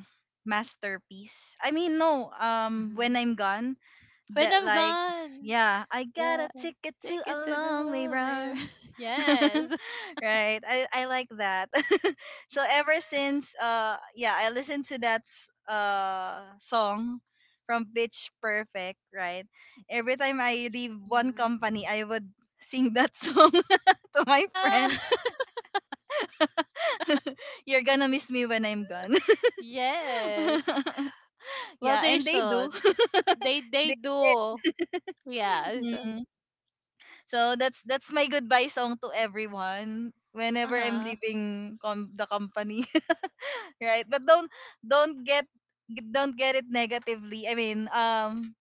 B: masterpiece. I mean, no, um, when
A: Hmm,
B: I'm gone,
A: when
B: that,
A: I'm
B: like,
A: gone,
B: yeah, I got
A: yeah,
B: a ticket to
A: take it
B: a
A: to the
B: long way
A: moon.
B: run.
A: Yes,
B: Right, I like that. So ever since, yeah, I listened to song from Pitch Perfect, right? Every time I leave one company,
A: hmm,
B: I would sing that song to my
A: yeah.
B: friends. You're gonna miss me when I'm gone.
A: Yes. Well,
B: Yeah,
A: they
B: and they
A: should.
B: do.
A: They
B: They did.
A: do. Yes.
B: Mm. So that's my goodbye song to everyone whenever I'm
A: Uh-huh.
B: leaving the company, right? But don't get, don't get it negatively. I mean,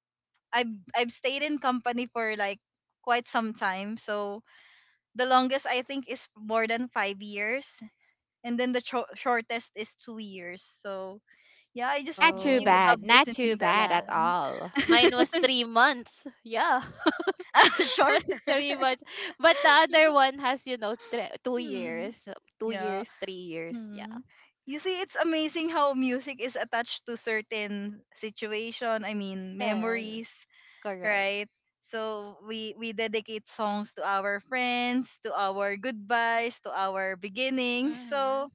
B: I've stayed in company for like quite some time. So the longest, I think, is more than 5 years, and then the shortest is 2 years. So yeah, I just
C: Not too
B: really
A: Oh,
B: love
C: bad, not too
B: listening that
C: bad
A: yeah.
C: at
B: song.
C: all.
A: Mine was 3 months. Yeah. Was
B: Shorter.
A: 3 months. But the other one has, you know, two
B: Hmm.
A: years. Two
B: Yeah.
A: years, 3 years. Yeah.
B: Hmm. You see, it's amazing how music is attached to certain situation. I mean, memories,
A: Yes. Correct.
B: right? So we dedicate songs to our friends, to our goodbyes, to our beginnings.
A: Mm-hmm.
B: So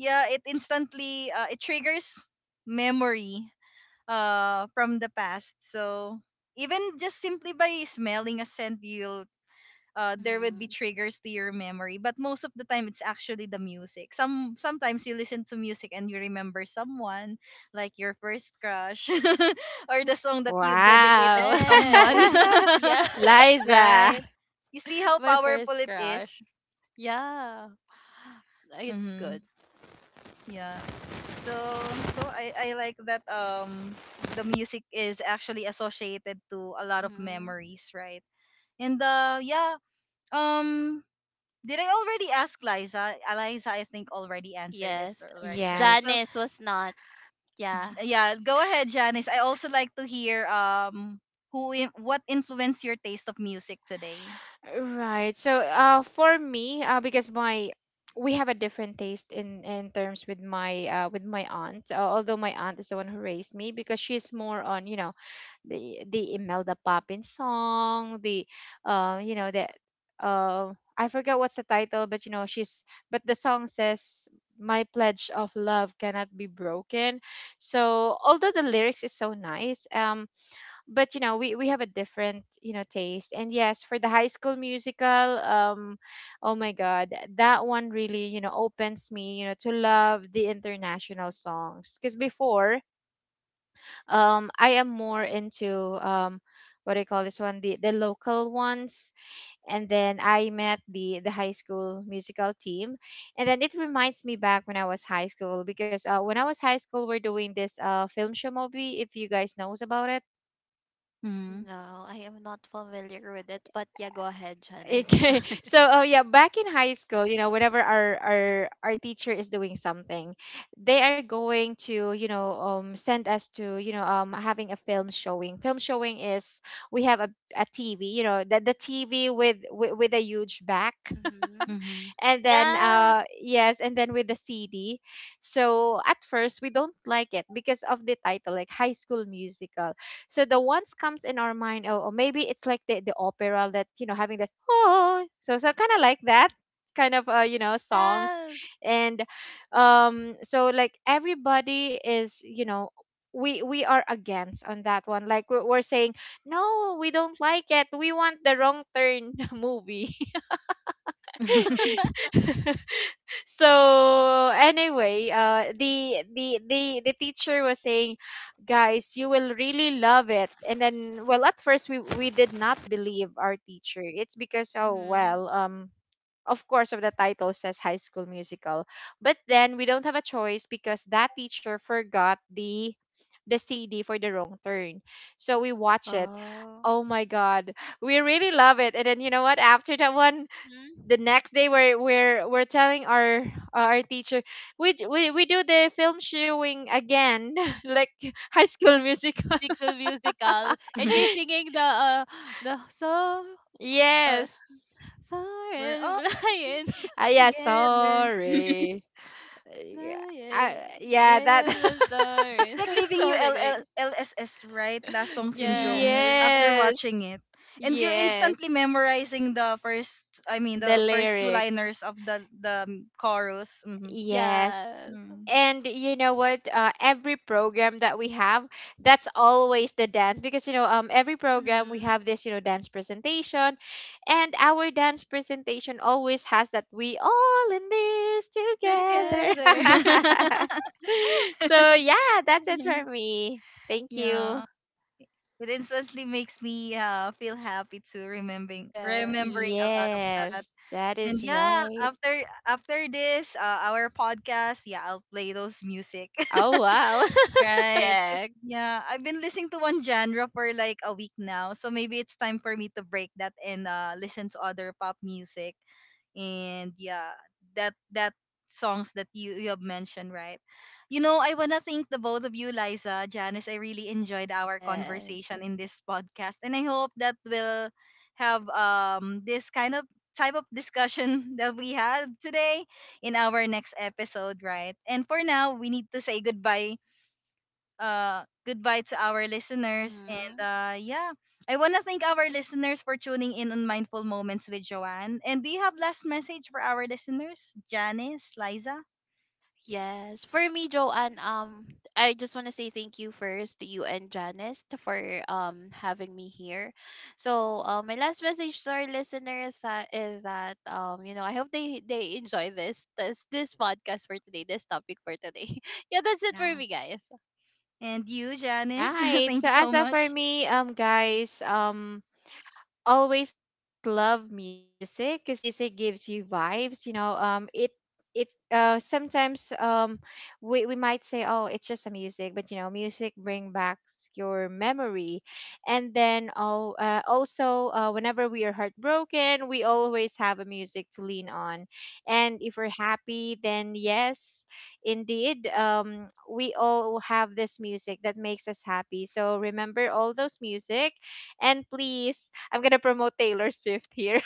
B: yeah, it instantly it triggers memory from the past. So even just simply by smelling a scent, you'll, there would be
A: Mm-hmm.
B: triggers to your memory, but most of the time it's actually the music. Some, sometimes you listen to music and you remember someone like your first crush or the song that you've dedicated to
C: Wow.
B: someone.
A: Yes. Yeah.
C: Liza.
B: Right, you see how
A: My
B: powerful
A: first
B: it is.
A: crush. Yeah. It's
B: Mm-hmm.
A: good.
B: Yeah, so so I like that, the music is actually associated to a lot of
A: Mm-hmm.
B: memories, right? And yeah, um did I already ask Liza? Eliza, I think, already answered this
A: Yes.
B: already, right? So
A: Janice
C: Yes.
A: was not. Yeah.
B: yeah, go ahead, Janice. I also like to hear, um, who in, what influenced your taste of music today.
C: Right. So, for me, because my we have a different taste, in terms with my aunt. Although my aunt is the one who raised me, because she's more on, the Imelda Papin song, the you know the uh I forgot what's the title, but, you know she's but the song says, "My pledge of love cannot be broken." So although the lyrics is so nice, but, we have a different, taste. And yes, for the High School Musical, oh my god, that one really, opens me, to love the international songs. Because before, I am more into, um what do you call this one, the local ones. And then I met the High School Musical team. And then it reminds me back when I was high school, because, when I was high school, we're doing this, film show movie, if you guys knows about it.
B: Mm-hmm.
A: No, I am not familiar with it. But yeah, go ahead,
C: Okay.
A: Janice.
C: So, oh yeah, back in high school, you know, whenever our teacher is doing something, they are going to, send us to, having a film showing. Film showing is we have a TV, the TV with with a huge back,
A: Mm-hmm.
B: Mm-hmm.
C: and then
A: Yeah.
C: yes, and then with the CD. So at first we don't like it because of the title, like High School Musical. So the ones comes in our mind, "Oh, oh, maybe it's like the opera that, having that, oh, so kind of like that, kind of, songs."
A: Yes.
C: And, so, like, everybody is, we are against on that one, like, we're saying, "No, we don't like it, we want the Wrong Turn movie." So anyway, the teacher was saying, "Guys, you will really love it." And then, well, at first we did not believe our teacher, it's because, oh,
A: Mm-hmm.
C: well, of course of the title says High School Musical. But then we don't have a choice because that teacher forgot the CD for the Wrong Turn. So we watch it.
A: Oh.
C: Oh my god, we really love it. And then, you know what, after that one,
A: Mm-hmm.
C: the next day, we're telling our teacher, "We do the film showing again!" Like, High School Musical.
A: Bicycle musical, and you're singing the the so uh
C: Yes.
B: We're
A: soaring
B: all
A: flying
C: Yeah,
B: together.
C: sorry. Yeah,
A: flying
C: yeah, that.
A: there's a
B: It's
A: soaring
B: like leaving you
A: something
B: L
A: like
B: L L S S right? Last song syndrome
A: yes
B: after
C: Yes,
B: watching it. And you're instantly
C: yes.
B: memorizing the first, I mean,
C: The
B: the first two
C: lyrics.
B: liners of the chorus. Mm-hmm.
C: Yes.
A: yes
B: Mm-hmm.
C: And you know what? Every program that we have, that's always the dance. Because, every program we
A: mm-hmm.
C: have this, dance presentation. And our dance presentation always has that "We all in this together."
B: Together.
A: Together.
C: So yeah, that's it for me. Thank you.
B: Yeah. It instantly makes me feel happy to
A: Yes.
B: remembering a lot of that.
C: Yes, that
B: And
C: is
B: yeah,
C: right.
B: after after this our podcast, yeah, I'll play those music.
C: Oh wow.
B: Right. 'Cause,
A: Correct.
B: yeah, I've been listening to one genre for like a week now. So maybe it's time for me to break that and listen to other pop music. And yeah, that songs that you have mentioned, right? You know, I wanna thank the both of you, Liza, Janice. I really enjoyed our
A: Yes.
B: conversation in this podcast. And I hope that we'll have, um, this kind of type of discussion that we had today in our next episode, right? And for now, we need to say goodbye, goodbye to our listeners. And
A: Mm-hmm.
B: yeah, I want to thank our listeners for tuning in on Mindful Moments with Joanne. And do you have last message for our listeners, Janice, Liza?
A: Yes. For me, Joanne, I just want to say thank you first to you and Janice for having me here. So, my last message to our listeners is that, you know, I hope they enjoy this podcast for today, this topic for today. Yeah, that's it for
B: Yeah.
A: me, guys.
B: And you, Janice?
C: Right.
B: Thank
C: So
B: you
C: as
B: so
C: of for
B: much.
C: me, guys, always love music because music gives you vibes, it sometimes, we might say, "Oh, it's just a music." But, music bring back your memory. And then, also, whenever we are heartbroken, we always have a music to lean on. And if we're happy, then yes, indeed, we all have this music that makes us happy. So remember all those music, and please, I'm gonna promote Taylor Swift here.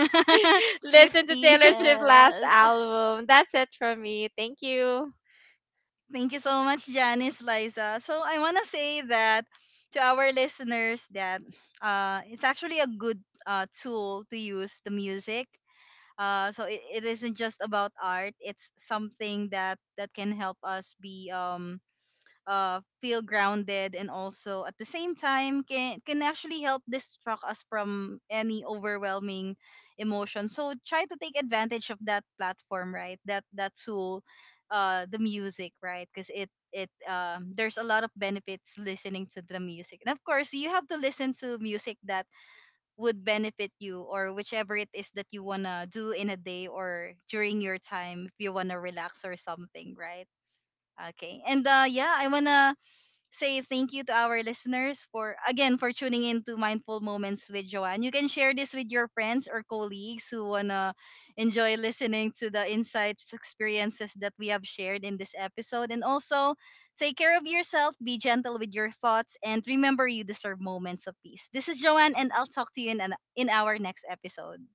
C: Listen to
B: Swifty.
C: Taylor Swift last
A: Yes.
C: album. That's it from me. Thank you.
B: Thank you so much, Janice, Liza. So I want to say that, to our listeners, that it's actually a good tool to use the music. So it, it isn't just about art. It's something that that can help us be, um, uh, feel grounded, and also at the same time can actually help distract us from any overwhelming emotion. So try to take advantage of that platform, right? That that tool, the music, right? Because it, um, there's a lot of benefits listening to the music, and of course you have to listen to music that would benefit you, or whichever it is that you want to do in a day or during your time, if you want to relax or something, right? Okay, and yeah, I want to say thank you to our listeners for, again, for tuning in to Mindful Moments with Joanne. You can share this with your friends or colleagues who wanna enjoy listening to the insights, experiences that we have shared in this episode. And also take care of yourself, be gentle with your thoughts, and remember, you deserve moments of peace. This is Joanne, and I'll talk to you in an, in our next episode.